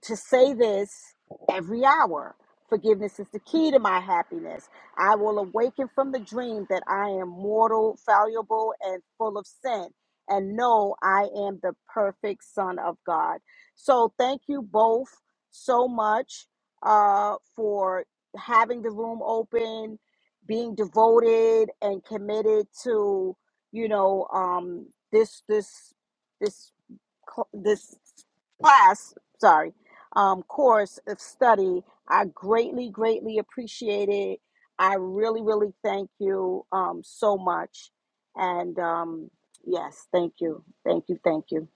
Speaker 3: to say this every hour. Forgiveness is the key to my happiness. I will awaken from the dream that I am mortal, fallible, and full of sin, and know I am the perfect Son of God. So, thank you both so much uh, for having the room open, being devoted and committed to, you know, um, this this this this class, sorry, um, course of study. I greatly, greatly appreciate it. I really, really thank you um, so much. And um, yes, thank you. Thank you. Thank you.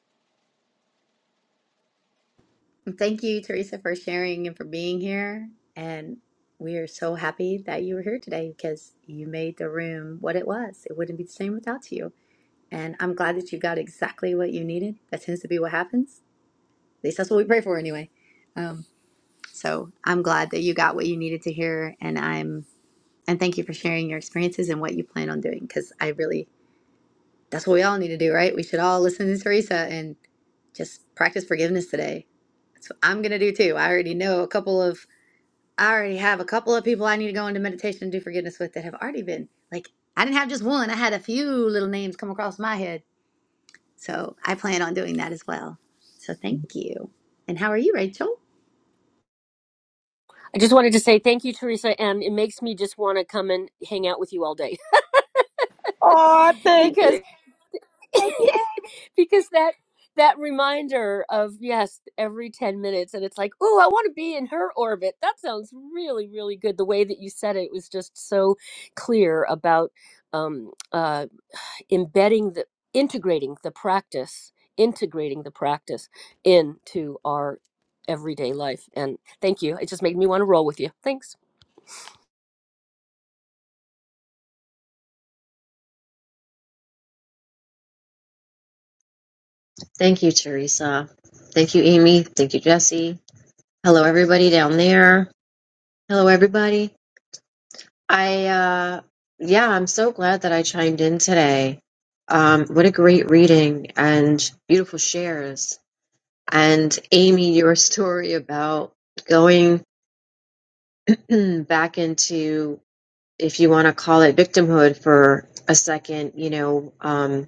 Speaker 1: And Thank you, Teresa, for sharing and for being here. And we are so happy that you were here today because you made the room what it was. It wouldn't be the same without you. And I'm glad that you got exactly what you needed. That tends to be what happens. At least that's what we pray for anyway. Um, so I'm glad that you got what you needed to hear. And I'm and thank you for sharing your experiences and what you plan on doing. Because I really that's what we all need to do, right? We should all listen to Teresa and just practice forgiveness today. That's what I'm gonna do too. I already know a couple of I already have a couple of people I need to go into meditation and do forgiveness with that have already been like I didn't have just one. I had a few little names come across my head So I plan on doing that as well. So thank you. And how are you, Rachel?
Speaker 2: I just wanted to say thank you, Teresa, and it makes me just want to come and hang out with you all day
Speaker 3: Oh,
Speaker 2: *laughs*
Speaker 3: thank
Speaker 2: because
Speaker 3: you.
Speaker 2: *laughs*
Speaker 3: Thank you.
Speaker 2: because that that reminder of yes every 10 minutes and it's like oh i want to be in her orbit that sounds really really good the way that you said it was just so clear about um uh. embedding the integrating the practice integrating the practice into our everyday life and thank you it just made me want to roll with you thanks
Speaker 4: Thank you, Teresa. Thank you, Amy. Thank you, Jesse. Hello, everybody down there. Hello, everybody. I, uh, yeah, I'm so glad that I chimed in today. Um, what a great reading and beautiful shares. And Amy, your *laughs* story about going *clears throat* back into, if you want to call it victimhood for a second, you know, um,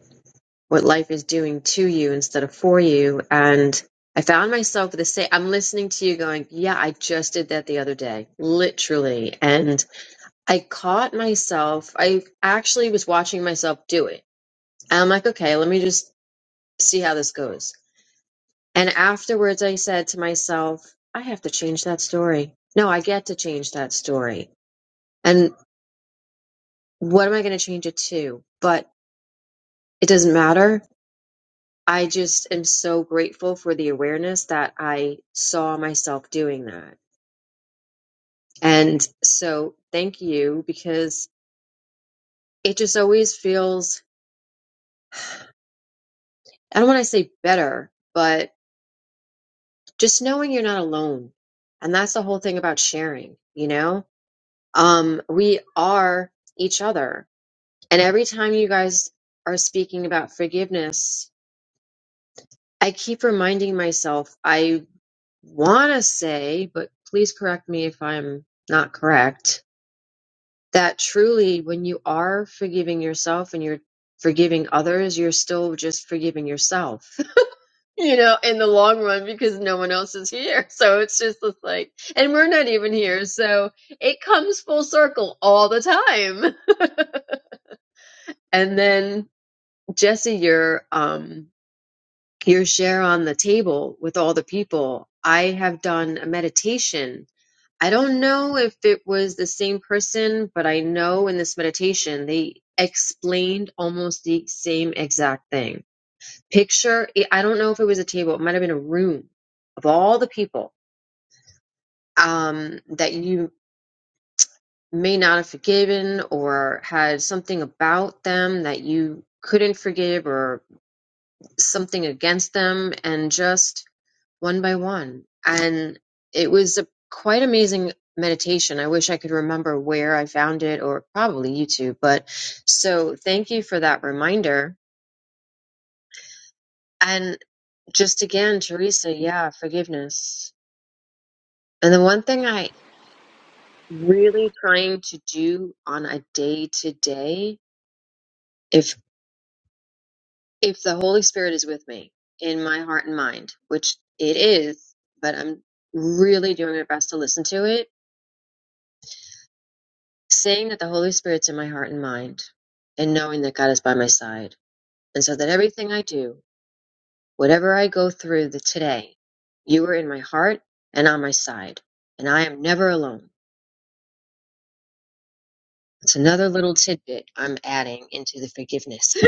Speaker 4: what life is doing to you instead of for you. And I found myself with the same, I'm listening to you going, yeah, I just did that the other day, literally. And I caught myself, I actually was watching myself do it. And I'm like, okay, let me just see how this goes. And afterwards, I said to myself, I have to change that story. No, I get to change that story. And what am I going to change it to? But it doesn't matter I just am so grateful for the awareness that I saw myself doing that. And so thank you because it just always feels, I don't want to say better, but just knowing you're not alone. And that's the whole thing about sharing, you know? Um, we are each other. And every time you guys are speaking about forgiveness, I keep reminding myself, I want to say, but please correct me if I'm not correct that truly when you are forgiving yourself and you're forgiving others, you're still just forgiving yourself, *laughs* you know, in the long run because no one else is here. *laughs* So it's just this, like, and we're not even here. So it comes full circle all the time. *laughs* and then Jesse, your um, your share on the table with all the people, I have done a meditation. I don't know if it was the same person, but I know in this meditation they explained almost the same exact thing. Picture, I don't know if it was a table, it might have been a room of all the people um, that you may not have forgiven or had something about them that you couldn't forgive or something against them and just one by one. And it was a quite amazing meditation. I wish I could remember where I found it or probably YouTube. But so thank you for that reminder. And just again, Teresa, yeah, forgiveness. And the one thing I really trying to do on a day to day, if if the Holy Spirit is with me in my heart and mind, which it is, but I'm really doing my best to listen to it saying that the Holy Spirit's in my heart and mind, and knowing that God is by my side, and so that everything I do, whatever I go through the today, you are in my heart and on my side, and I am never alone. It's another little tidbit I'm adding into the forgiveness. *laughs*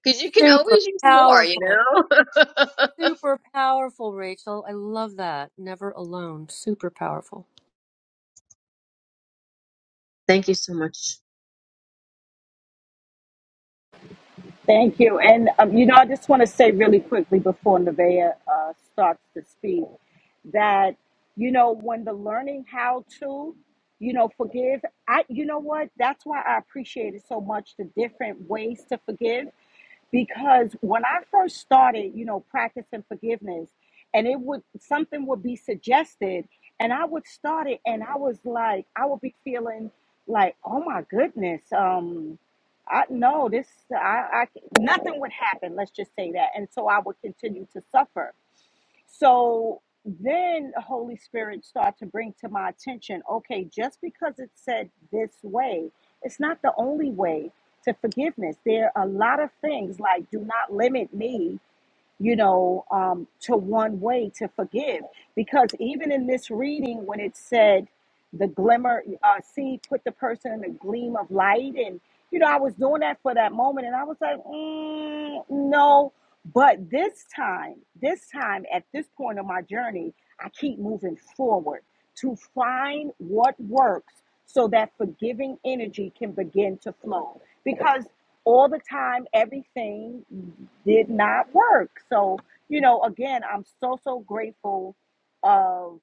Speaker 4: Because you can
Speaker 2: super
Speaker 4: always use more, you
Speaker 2: powerful
Speaker 4: know?
Speaker 2: super powerful rachel i love that never alone super powerful
Speaker 4: *laughs* Thank you so much.
Speaker 3: Thank you. And, um, you know, I just want to say really quickly before Nevaeh uh, starts to speak that, you know, when the learning how to, you know, forgive, I, you know what? That's why I appreciated so much the different ways to forgive because when I first started, you know, practicing forgiveness, and it would something would be suggested, and I would start it, and I was like, I would be feeling like, oh my goodness, um, I no, this, I, I, nothing would happen. Let's just say that, and so I would continue to suffer. So then the Holy Spirit started to bring to my attention okay, just because it said this way, it's not the only way to forgiveness. There are a lot of things like do not limit me you know, um, to one way to forgive. Because even in this reading, when it said the glimmer, uh, see, put the person in the gleam of light, and you know, I was doing that for that moment, and I was like, mm, no. But this time, this time, at this point of my journey, I keep moving forward to find what works so that forgiving energy can begin to flow. Because all the time, everything did not work. So, you know, again, I'm so, so grateful. Of,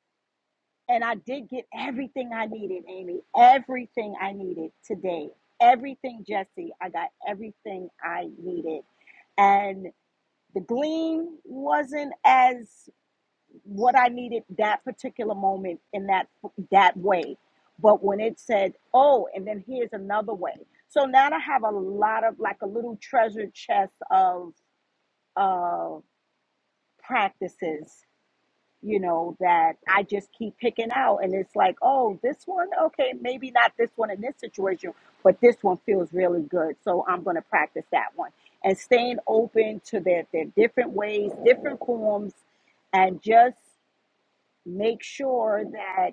Speaker 3: and I did get everything I needed, Amy, everything I needed today. Everything, Jesse, I got everything I needed. And the gleam wasn't as what I needed that particular moment in that that way. But when it said, "Oh, and then here's another way," so now I have a lot of like a little treasure chest of of practices, you know, that I just keep picking out, and it's like, "Oh, this one, okay, maybe not this one in this situation, but this one feels really good, so I'm going to practice that one." And staying open to their their different ways, different forms, and just make sure that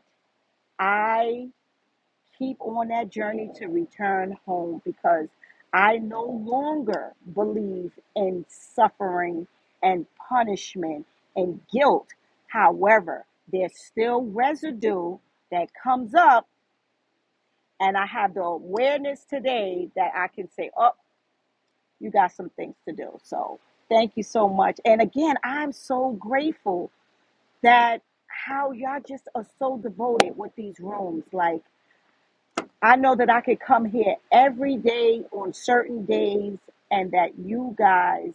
Speaker 3: I keep on that journey to return home because I no longer believe in suffering and punishment and guilt. However, there's still residue that comes up, and I have the awareness today that I can say, Oh, you got some things to do. So, thank you so much. And again, I'm so grateful that how y'all just are so devoted with these rooms. Like, I know that I could come here every day on certain days, and that you guys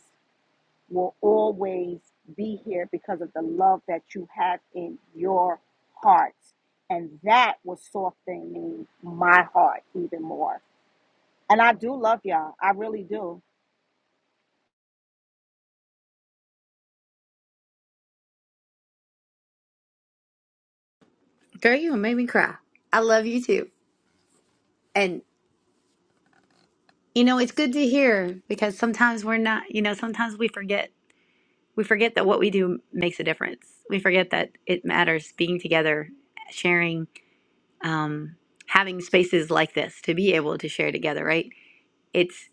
Speaker 3: will always be here because of the love that you have in your hearts. And that was softening my heart even more. And I do love y'all. I really do.
Speaker 1: Girl, you made me cry. I love you too. And you know, it's good to hear because sometimes we're not, you know, sometimes we forget. We forget that what we do makes a difference. We forget that it matters being together, sharing, um, having spaces like this to be able to share together, right? It's.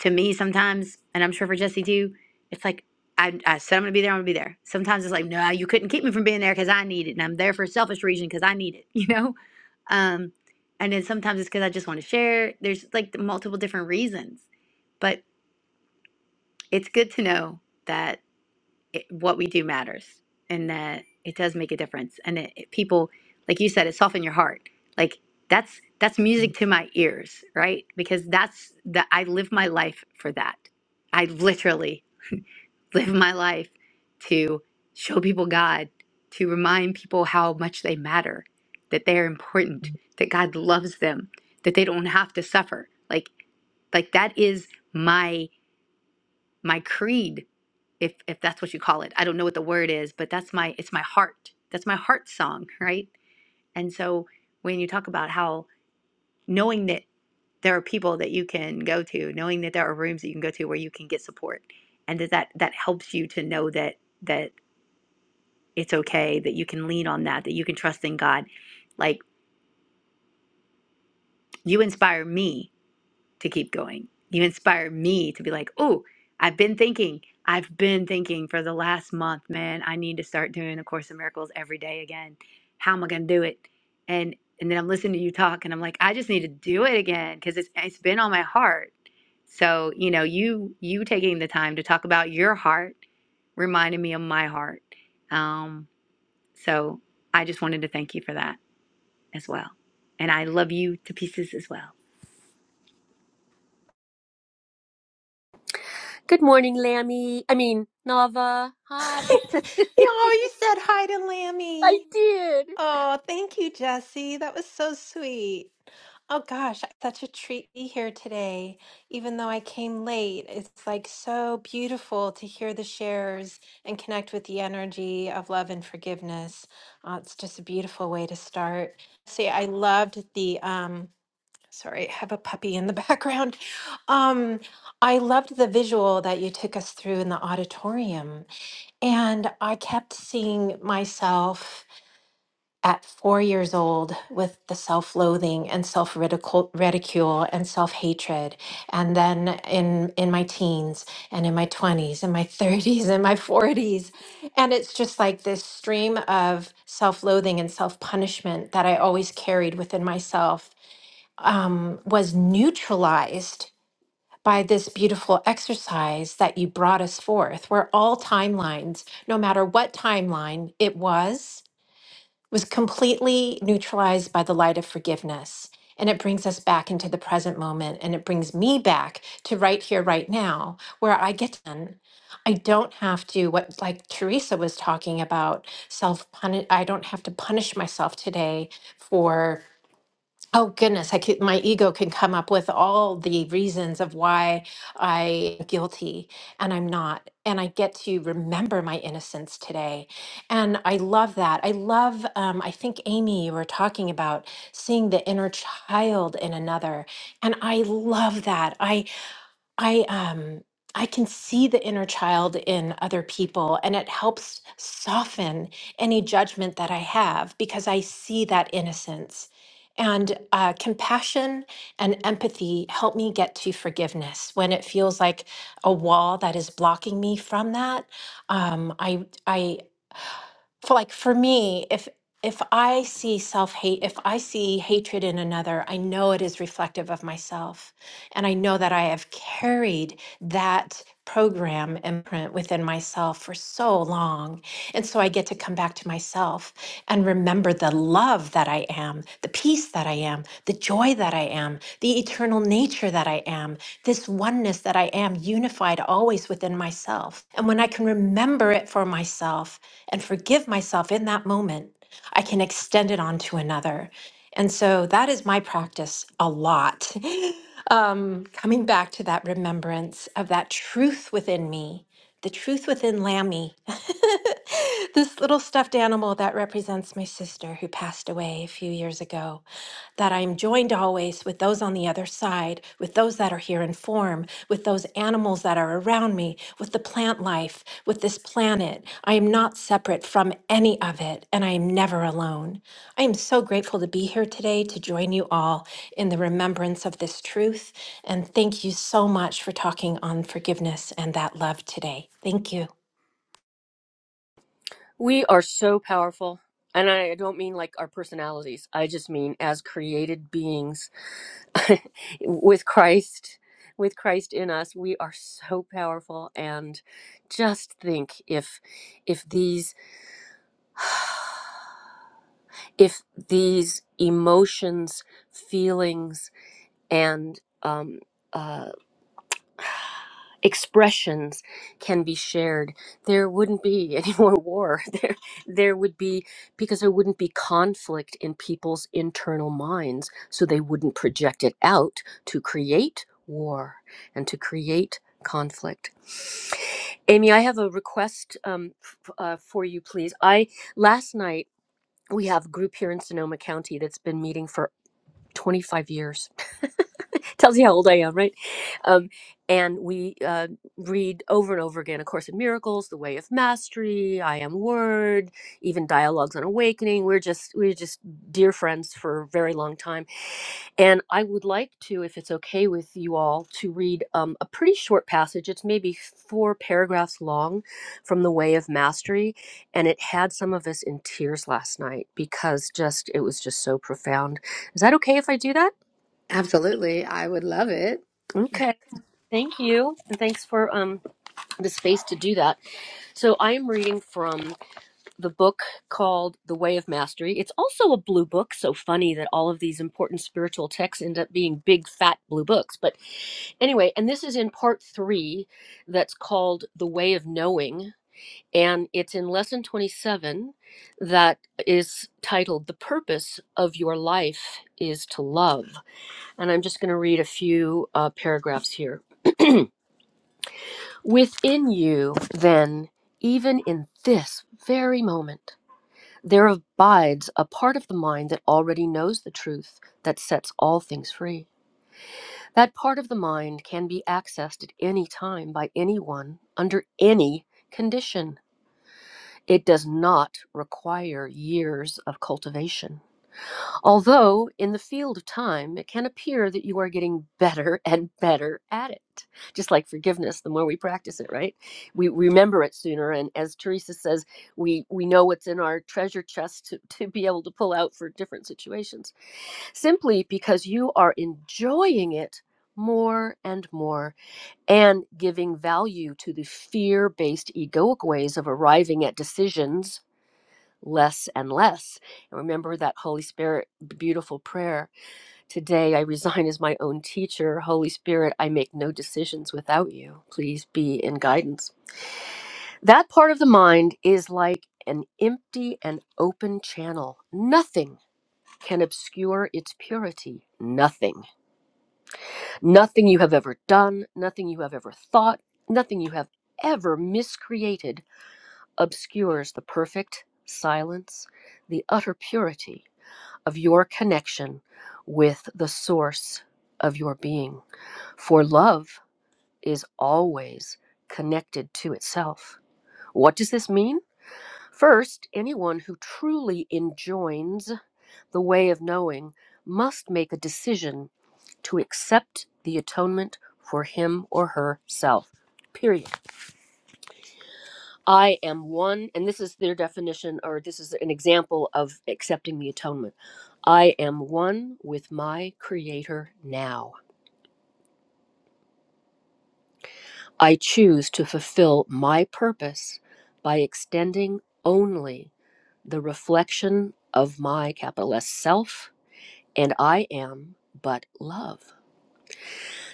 Speaker 1: to me sometimes, and I'm sure for Jesse too, it's like I, I said I'm gonna be there, I'm gonna be there. Sometimes it's like, no, you couldn't keep me from being there because I need it, and I'm there for a selfish reason because I need it, *laughs* you know. Um, and then sometimes it's because I just want to share. There's like the multiple different reasons, but it's good to know that it, what we do matters and that it does make a difference and it, it- people like you said it soften your heart like that's that's music to my ears right because that's that i live my life for that i literally live my life to show people god to remind people how much they matter that they're important that god loves them that they don't have to suffer like like that is my my creed if if that's what you call it. I don't know what the word is, but that's my it's my heart. That's my heart song, right? And so when you talk about how knowing that there are people that you can go to, knowing that there are rooms that you can go to where you can get support, and that that, that helps you to know that that it's okay, that you can lean on that, that you can trust in God. Like you inspire me to keep going. You inspire me to be like, oh, I've been thinking, I've been thinking for the last month, man, I need to start doing A Course in Miracles every day again. How am I going to do it? And and then I'm listening to you talk and I'm like, I just need to do it again because it's, it's been on my heart. So, you know, you you taking the time to talk about your heart reminded me of my heart. Um, so I just wanted to thank you for that as well. And I love you to pieces as well.
Speaker 2: good morning lammy i mean nava hi *laughs*
Speaker 5: Oh, you said hi to
Speaker 2: i
Speaker 5: Lammy.
Speaker 2: did
Speaker 5: Oh, thank you, Jesse. That was so sweet. Oh gosh, such a treat to be here today. Even though I came late, it's like so beautiful to hear the shares and connect with the energy of love and forgiveness. Uh, it's just a beautiful way to start. See, I loved the um, Sorry, I have a puppy in the *laughs* background. Um, I loved the visual that you took us through in the auditorium. And I kept seeing myself at four years old with the self loathing and self ridicule and self hatred. And then in, in my teens and in my 20s and my *laughs* 30s and my 40s. And it's just like this stream of self loathing and self punishment that I always carried within myself um, was neutralized by this beautiful exercise that you brought us forth, where all timelines, no matter what timeline it was, was completely neutralized by the light of forgiveness. And it brings us back into the present moment. And it brings me back to right here, right now, where I get done. I don't have to, what like Teresa was talking about, self punish. I don't have to punish myself today for Oh goodness, I could, my ego can come up with all the reasons of why I am guilty and I'm not. And I get to remember my innocence today. And I love that. I love, um, I think, Amy, you were talking about seeing the inner child in another. And I love that. I I um I can see the inner child in other people and it helps soften any judgment that I have because I see that innocence. And uh, compassion and empathy help me get to forgiveness when it feels like a wall that is blocking me from that. Um, I, I for like for me if if i see self-hate if i see hatred in another i know it is reflective of myself and i know that i have carried that program imprint within myself for so long and so i get to come back to myself and remember the love that I am, the peace that I am, the joy that I am, the eternal nature that I am, this oneness that I am, unified always within myself. And when I can remember it for myself and forgive myself in that moment, I can extend it on to another. And so that is my practice a lot. *laughs* um, coming back to that remembrance of that truth within me, the truth within Lammy, *laughs* this little stuffed animal that represents my sister who passed away a few years ago that I am joined always with those on the other side, with those that are here in form, with those animals that are around me, with the plant life, with this planet. I am not separate from any of it, and I am never alone. I am so grateful to be here today to join you all in the remembrance of this truth. And thank you so much for talking on forgiveness and that love today. Thank you.
Speaker 2: We are so powerful. And I don't mean like our personalities. I just mean as created beings *laughs* with Christ, with Christ in us, we are so powerful and just think if if these *sighs* if these emotions, feelings and um uh, expressions can be shared there wouldn't be any *laughs* more war there there would be because there wouldn't be conflict in people's internal minds so they wouldn't project it out to create war and to create conflict amy i have a request um, f- uh, for you please i last night we have a group here in sonoma county that's been meeting for 25 years. *laughs* Tells you how old I am, right? Um, and we uh, read over and over again A Course in Miracles, The Way of Mastery, I Am Word, even Dialogues on Awakening. We're just we're just dear friends for a very long time. And I would like to, if it's okay with you all, to read um, a pretty short passage. It's maybe four paragraphs long from The Way of Mastery. And it had some of us in tears last night because just it was just so profound is that okay if I do that?
Speaker 1: Absolutely. I would love it.
Speaker 2: Okay. Thank you. And thanks for um, the space to do that. So I am reading from the book called The Way of Mastery. It's also a blue book. So funny that all of these important spiritual texts end up being big, fat blue books. But anyway, and this is in part three that's called The Way of Knowing. And it's in lesson 27 that is titled The Purpose of Your Life is to Love. And I'm just going to read a few uh, paragraphs here. Within you, then, even in this very moment, there abides a part of the mind that already knows the truth that sets all things free. That part of the mind can be accessed at any time by anyone under any condition. It does not require years of cultivation. Although, in the field of time, it can appear that you are getting better *laughs* and better at it. Just like forgiveness, the more we practice it, right? We remember it sooner. And as Teresa says, we, we know what's in our treasure chest to, to be able to pull out for different situations, simply because you are enjoying it more and more and giving value to the fear based egoic ways of arriving at decisions less and less. And remember that Holy Spirit, beautiful prayer. Today I resign as my own teacher. Holy Spirit, I make no decisions without you. Please be in guidance. That part of the mind is like an empty and open channel. Nothing can obscure its purity. Nothing. Nothing you have ever done, nothing you have ever thought, nothing you have ever miscreated obscures the perfect silence, the utter purity of your connection with the source of your being. For love is always connected to itself. What does this mean? First, anyone who truly enjoins the way of knowing must make a decision to accept the atonement for him or herself. Period. I am one, and this is their definition, or this is an example of accepting the atonement. I am one with my Creator now. I choose to fulfill my purpose by extending only the reflection of my capital S self, and I am but love.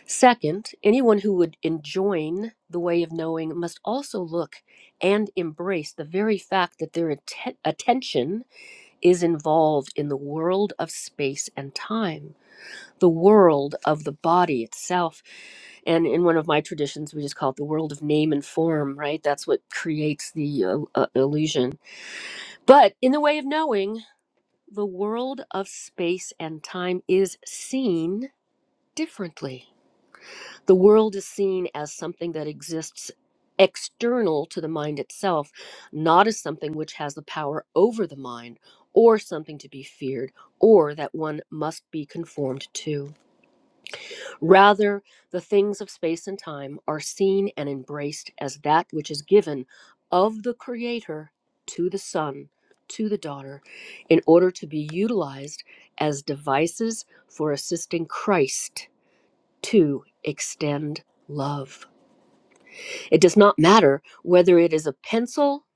Speaker 2: Second, anyone who would enjoin the way of knowing must also look and embrace the very fact that their atten- attention is involved in the world of space and time, the world of the body itself. And in one of my traditions, we just call it the world of name and form, right? That's what creates the uh, uh, illusion. But in the way of knowing, the world of space and time is seen differently the world is seen as something that exists external to the mind itself, not as something which has the power over the mind or something to be feared or that one must be conformed to. Rather, the things of space and time are seen and embraced as that which is given of the Creator to the Son. To the daughter, in order to be utilized as devices for assisting Christ to extend love. It does not matter whether it is a pencil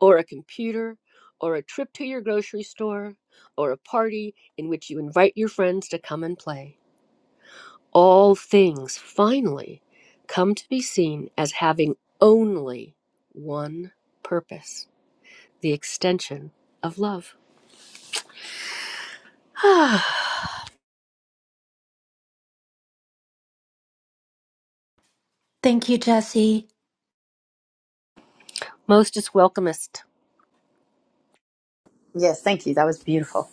Speaker 2: or a computer or a trip to your grocery store or a party in which you invite your friends to come and play. All things finally come to be seen as having only one purpose the extension of love. *sighs* Ah,
Speaker 5: Thank you, Jesse.
Speaker 2: Most is welcomest.
Speaker 1: Yes, thank you. That was beautiful.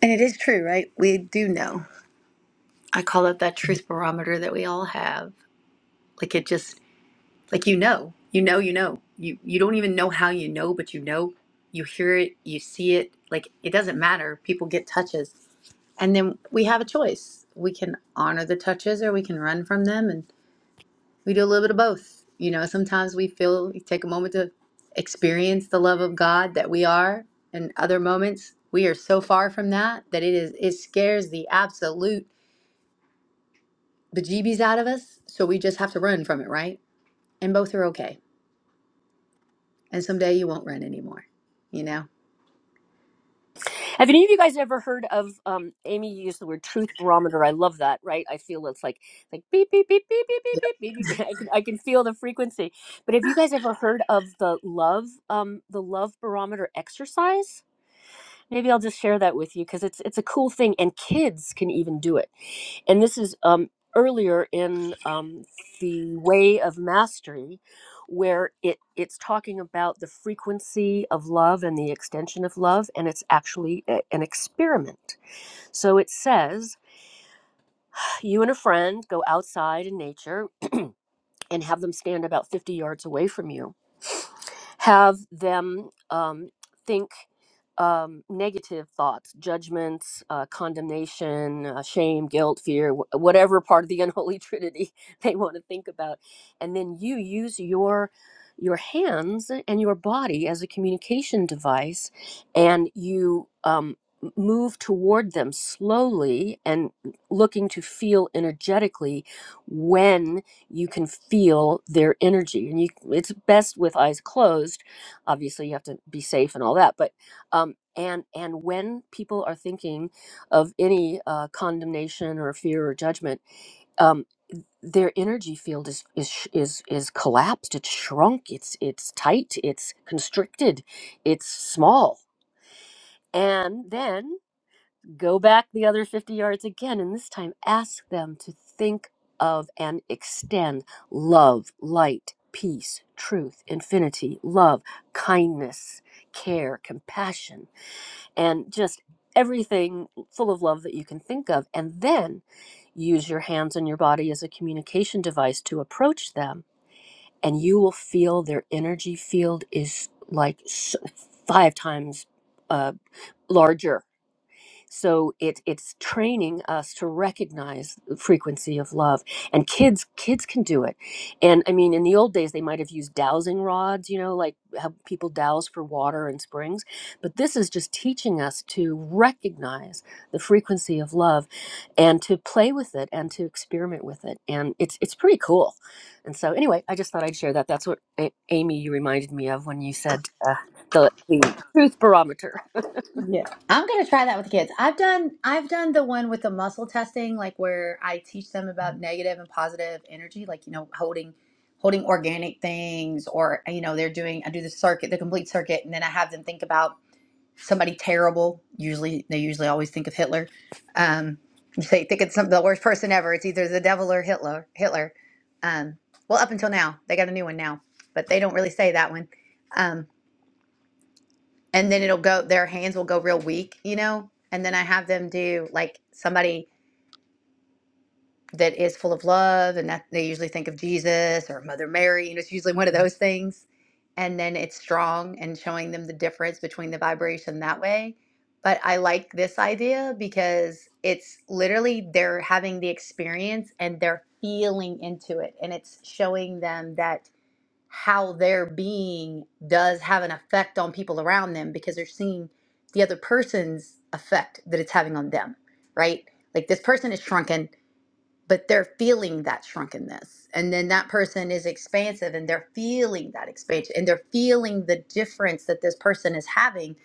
Speaker 1: And it is true, right? We do know. I call it that truth barometer that we all have. Like it just like you know. You know, you know. You you don't even know how you know, but you know. You hear it, you see it. Like it doesn't matter. People get touches. And then we have a choice. We can honor the touches or we can run from them and. We do a little bit of both. You know, sometimes we feel we take a moment to experience the love of God that we are, and other moments we are so far from that that it is it scares the absolute bejeebies out of us. So we just have to run from it, right? And both are okay. And someday you won't run anymore. You know.
Speaker 2: Have any of you guys ever heard of um Amy you used the word truth barometer? I love that, right? I feel it's like like beep beep beep beep beep beep beep beep. *laughs* I can I can feel the frequency. But have you guys ever heard of the love um the love barometer exercise? Maybe I'll just share that with you because it's it's a cool thing and kids can even do it and this is um, earlier in um, the way of mastery where it it's talking about the frequency of love and the extension of love and it's actually a- an experiment so it says you and a friend go outside in nature and have them stand about 50 yards away from you. Have them um, think um, negative thoughts, judgments, uh, condemnation, uh, shame, guilt, fear, wh- whatever part of the unholy *laughs* trinity they want to think about. And then you use your your hands and your body as a communication device and you um, m- move toward them slowly and looking to feel energetically you can feel their energy and you it's best with eyes closed obviously you have to be safe and all that but um and and when people are thinking of any uh, condemnation or fear or judgment um their energy field is is sh- is is collapsed it's shrunk it's it's tight it's constricted it's small and then go back the other 50 yards again and this time ask them to think of and extend love light peace truth infinity love kindness care compassion and just everything full of love that you can think of and then use your hands and your body as a communication device to approach them and you will feel their energy field is like s- five times uh, larger so it it's training us to recognize the frequency of love and kids kids can do it and i mean in the old days they might have used dowsing rods you know like how people douse for water in springs but this is just teaching us to recognize the frequency of love and to play with it and to experiment with it and it's it's pretty cool and so anyway i just thought i'd share that that's what A- amy you reminded me of when you said uh, the the truth barometer *laughs*
Speaker 1: I'm gonna try that with the kids. I've done I've done the one with the muscle testing, like where I teach them about negative and positive energy, like you know, holding holding organic things or you know, they're doing I do the circuit, the complete circuit, and then I have them think about somebody terrible. Usually they usually always think of Hitler. Um you say think it's some, the worst person ever. It's either the devil or Hitler Hitler. Um well up until now. They got a new one now, but they don't really say that one. Um, and then it'll go their hands will go real weak you know and then i have them do like somebody that is full of love and that they usually think of jesus or mother mary and it's usually one of those things and then it's strong and showing them the difference between the vibration that way but i like this idea because it's literally they're having the experience and they're feeling into it and it's showing them that how their being does have an effect on people around them because they're seeing the other person's effect that it's having on them, right? Like this person is shrunken but they're feeling that shrunkenness and then that person is expansive and they're feeling that expansion and they're feeling the difference that this person is having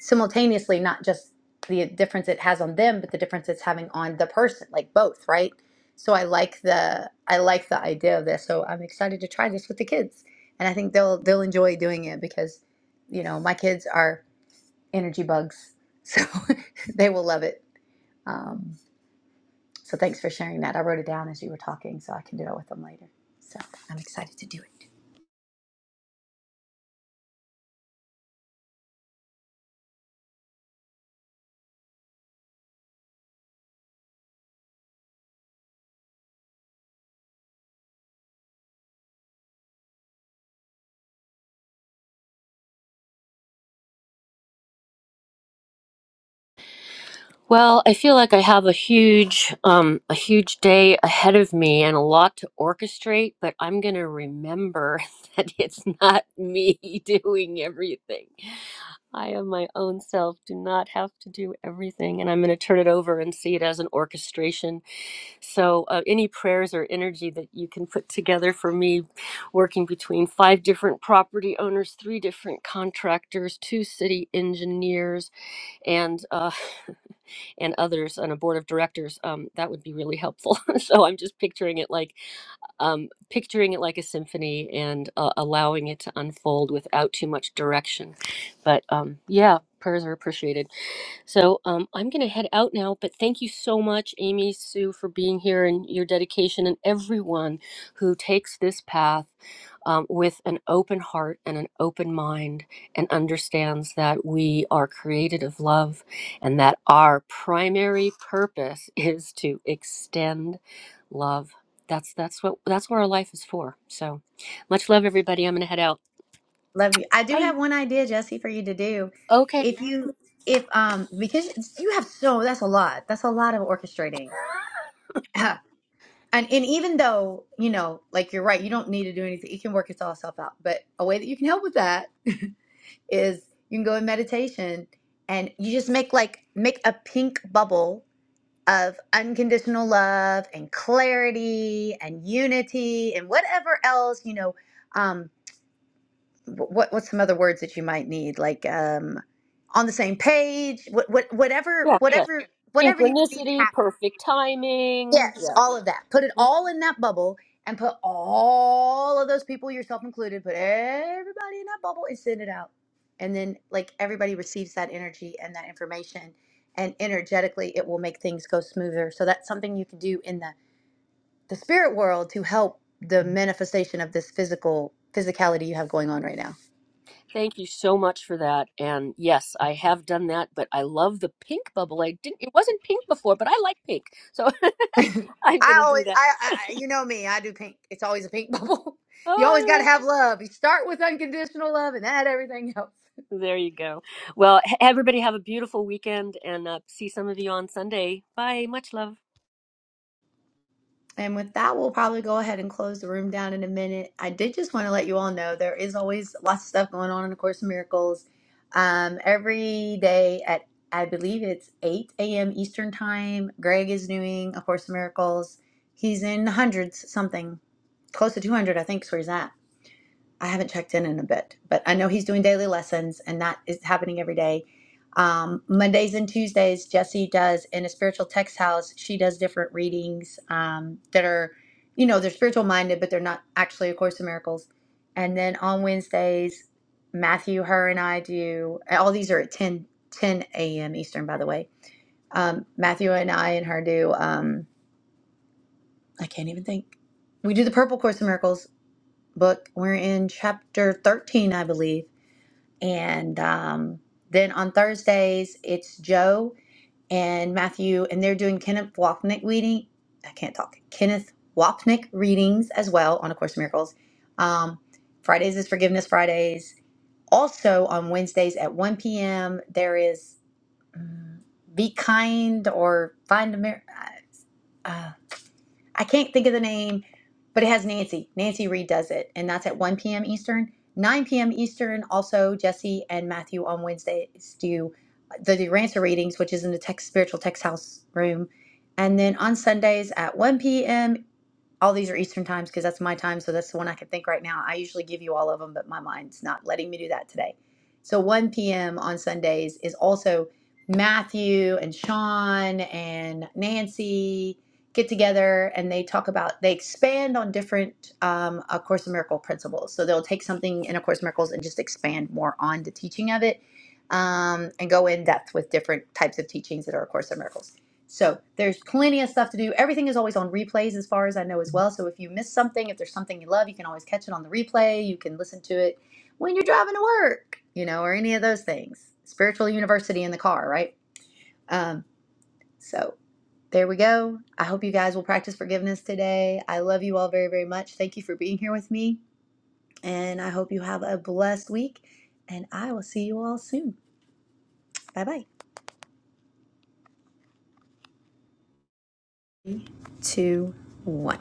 Speaker 1: simultaneously not just the difference it has on them but the difference it's having on the person like both right so i like the i like the idea of this so i'm excited to try this with the kids and i think they'll they'll enjoy doing it because you know my kids are energy bugs so *laughs* they will love it Um, so thanks for sharing that. I wrote it down as you were talking so I can do it with them later. So I'm excited to do it.
Speaker 2: Well, I feel like I have a huge um a huge day ahead of me and a lot to orchestrate, but I'm going to remember *laughs* that it's not me *laughs* doing everything. I am my own self, do not have to do everything, and I'm going to turn it over and see it as an orchestration. So, uh, any prayers or energy that you can put together for me working between five different property owners, three different contractors, two city engineers, and uh, *laughs* and others on a board of directors, um, that would be really helpful. *laughs* so I'm just picturing it like um, picturing it like a symphony and uh, allowing it to unfold without too much direction. But um, yeah, prayers are appreciated. So um, I'm going to head out now, but thank you so much, Amy, Sue, for being here and your dedication, and everyone who takes this path um, with an open heart and an open mind and understands that we are created of love and that our primary purpose *laughs* is to extend love. That's that's what that's what our life is for. So much love, everybody. I'm going to head out.
Speaker 1: Love you. I do
Speaker 2: Bye.
Speaker 1: have one idea, Jesse, for you to do.
Speaker 2: Okay.
Speaker 1: If you, if, um, because you have so, that's a lot. That's a lot of orchestrating. *clears throat* And, and even though, you know, like you're right, you don't need to do anything. It can work itself out. But a way that you can help with that is you can go in meditation and you just make like, make a pink bubble of unconditional love and clarity and unity and whatever else you know um what what's some other words that you might need like um on the same page what, what whatever
Speaker 2: Yeah, yes.
Speaker 1: whatever whatever you would need to
Speaker 2: Synchronicity,
Speaker 1: happen
Speaker 2: perfect timing.
Speaker 1: Yes,
Speaker 2: Yeah.
Speaker 1: all of that. Put it
Speaker 2: Mm.
Speaker 1: all in that bubble and put all of those people, yourself included, put everybody in that bubble and send it out. And then, like, everybody receives that energy and that information, and energetically, it will make things go smoother. So, that's something you can do in the, the spirit world to help the manifestation of this physical physicality you have going on right now.
Speaker 2: Thank you so much for that. And yes, I have done that, but I love the pink bubble. I didn't it wasn't pink before, but I like pink. So *laughs* I'm
Speaker 1: I
Speaker 2: going to do
Speaker 1: always,
Speaker 2: that.
Speaker 1: I, I I- you know me, I do pink. It's always a pink *laughs* bubble. You always got to
Speaker 2: Oh
Speaker 1: have love. You start with unconditional love and add everything else.
Speaker 2: yeah. There you go. Well, h- everybody have a beautiful weekend and uh, see some of you on Sunday. Bye. Much love.
Speaker 1: And with that, we'll probably go ahead and close the room down in a minute. I did just want to let you all know there is always lots of stuff going on in a Course of Miracles. Um, every day at I believe it's 8 a.m. Eastern Time, Greg is doing A Course in Miracles. He's in hundreds something, close to 200, I think, is where he's at I haven't checked in in a bit, but I know he's doing daily lessons, and that is happening every day. Um, Mondays and Tuesdays, Jesse does in a spiritual text house. She does different readings um, that are, you know, they're spiritual minded, but they're not actually A Course in Miracles. And then on Wednesdays, Matthew, her, and I do. and All these are at 10, 10 a.m. Eastern, by the way. Um, Matthew and I and her do. Um, I can't even think. We do the Purple Course in Miracles book. We're in chapter thirteen, I believe and um, then on Thursdays, it's Joe and Matthew, and they're doing Kenneth Wapnick reading. I can't talk. Kenneth Wapnick readings as well on A Course in Miracles. Um, Fridays is Forgiveness Fridays. Also on Wednesdays at 1 p.m., there is mm, Be Kind or Find a Mirror. I can't think of the name, but it has Nancy. Nancy Reed does it, and that's at 1 p.m. Eastern. 9 p.m. Eastern, also Jesse and Matthew on Wednesdays do uh, the Durancer readings, which is in the text, spiritual text house room. And then on Sundays at 1 p.m all these are Eastern times because that's my time. So that's the one I can think right now. I usually give you all of them, but my mind's not letting me do that today. So 1 p.m. on Sundays is also Matthew and Sean and Nancy get together and they talk about, they expand on different um, A Course in Miracle principles. So they'll take something in A Course in Miracles and just expand more on the teaching of it um, and go in depth with different types of teachings that are A Course in Miracles. So there's plenty of stuff to do. Everything is always on replays, as far as I know, as well. So if you miss something, if there's something you love, you can always catch it on the replay. You can listen to it when you're driving to work, you know, or any of those things. Spiritual university in the car, right? Um, so there we go. I hope you guys will practice forgiveness today. I love you all very, very much. Thank you for being here with me. And I hope you have a blessed week. And I will see you all soon. Bye bye. Three, two, one.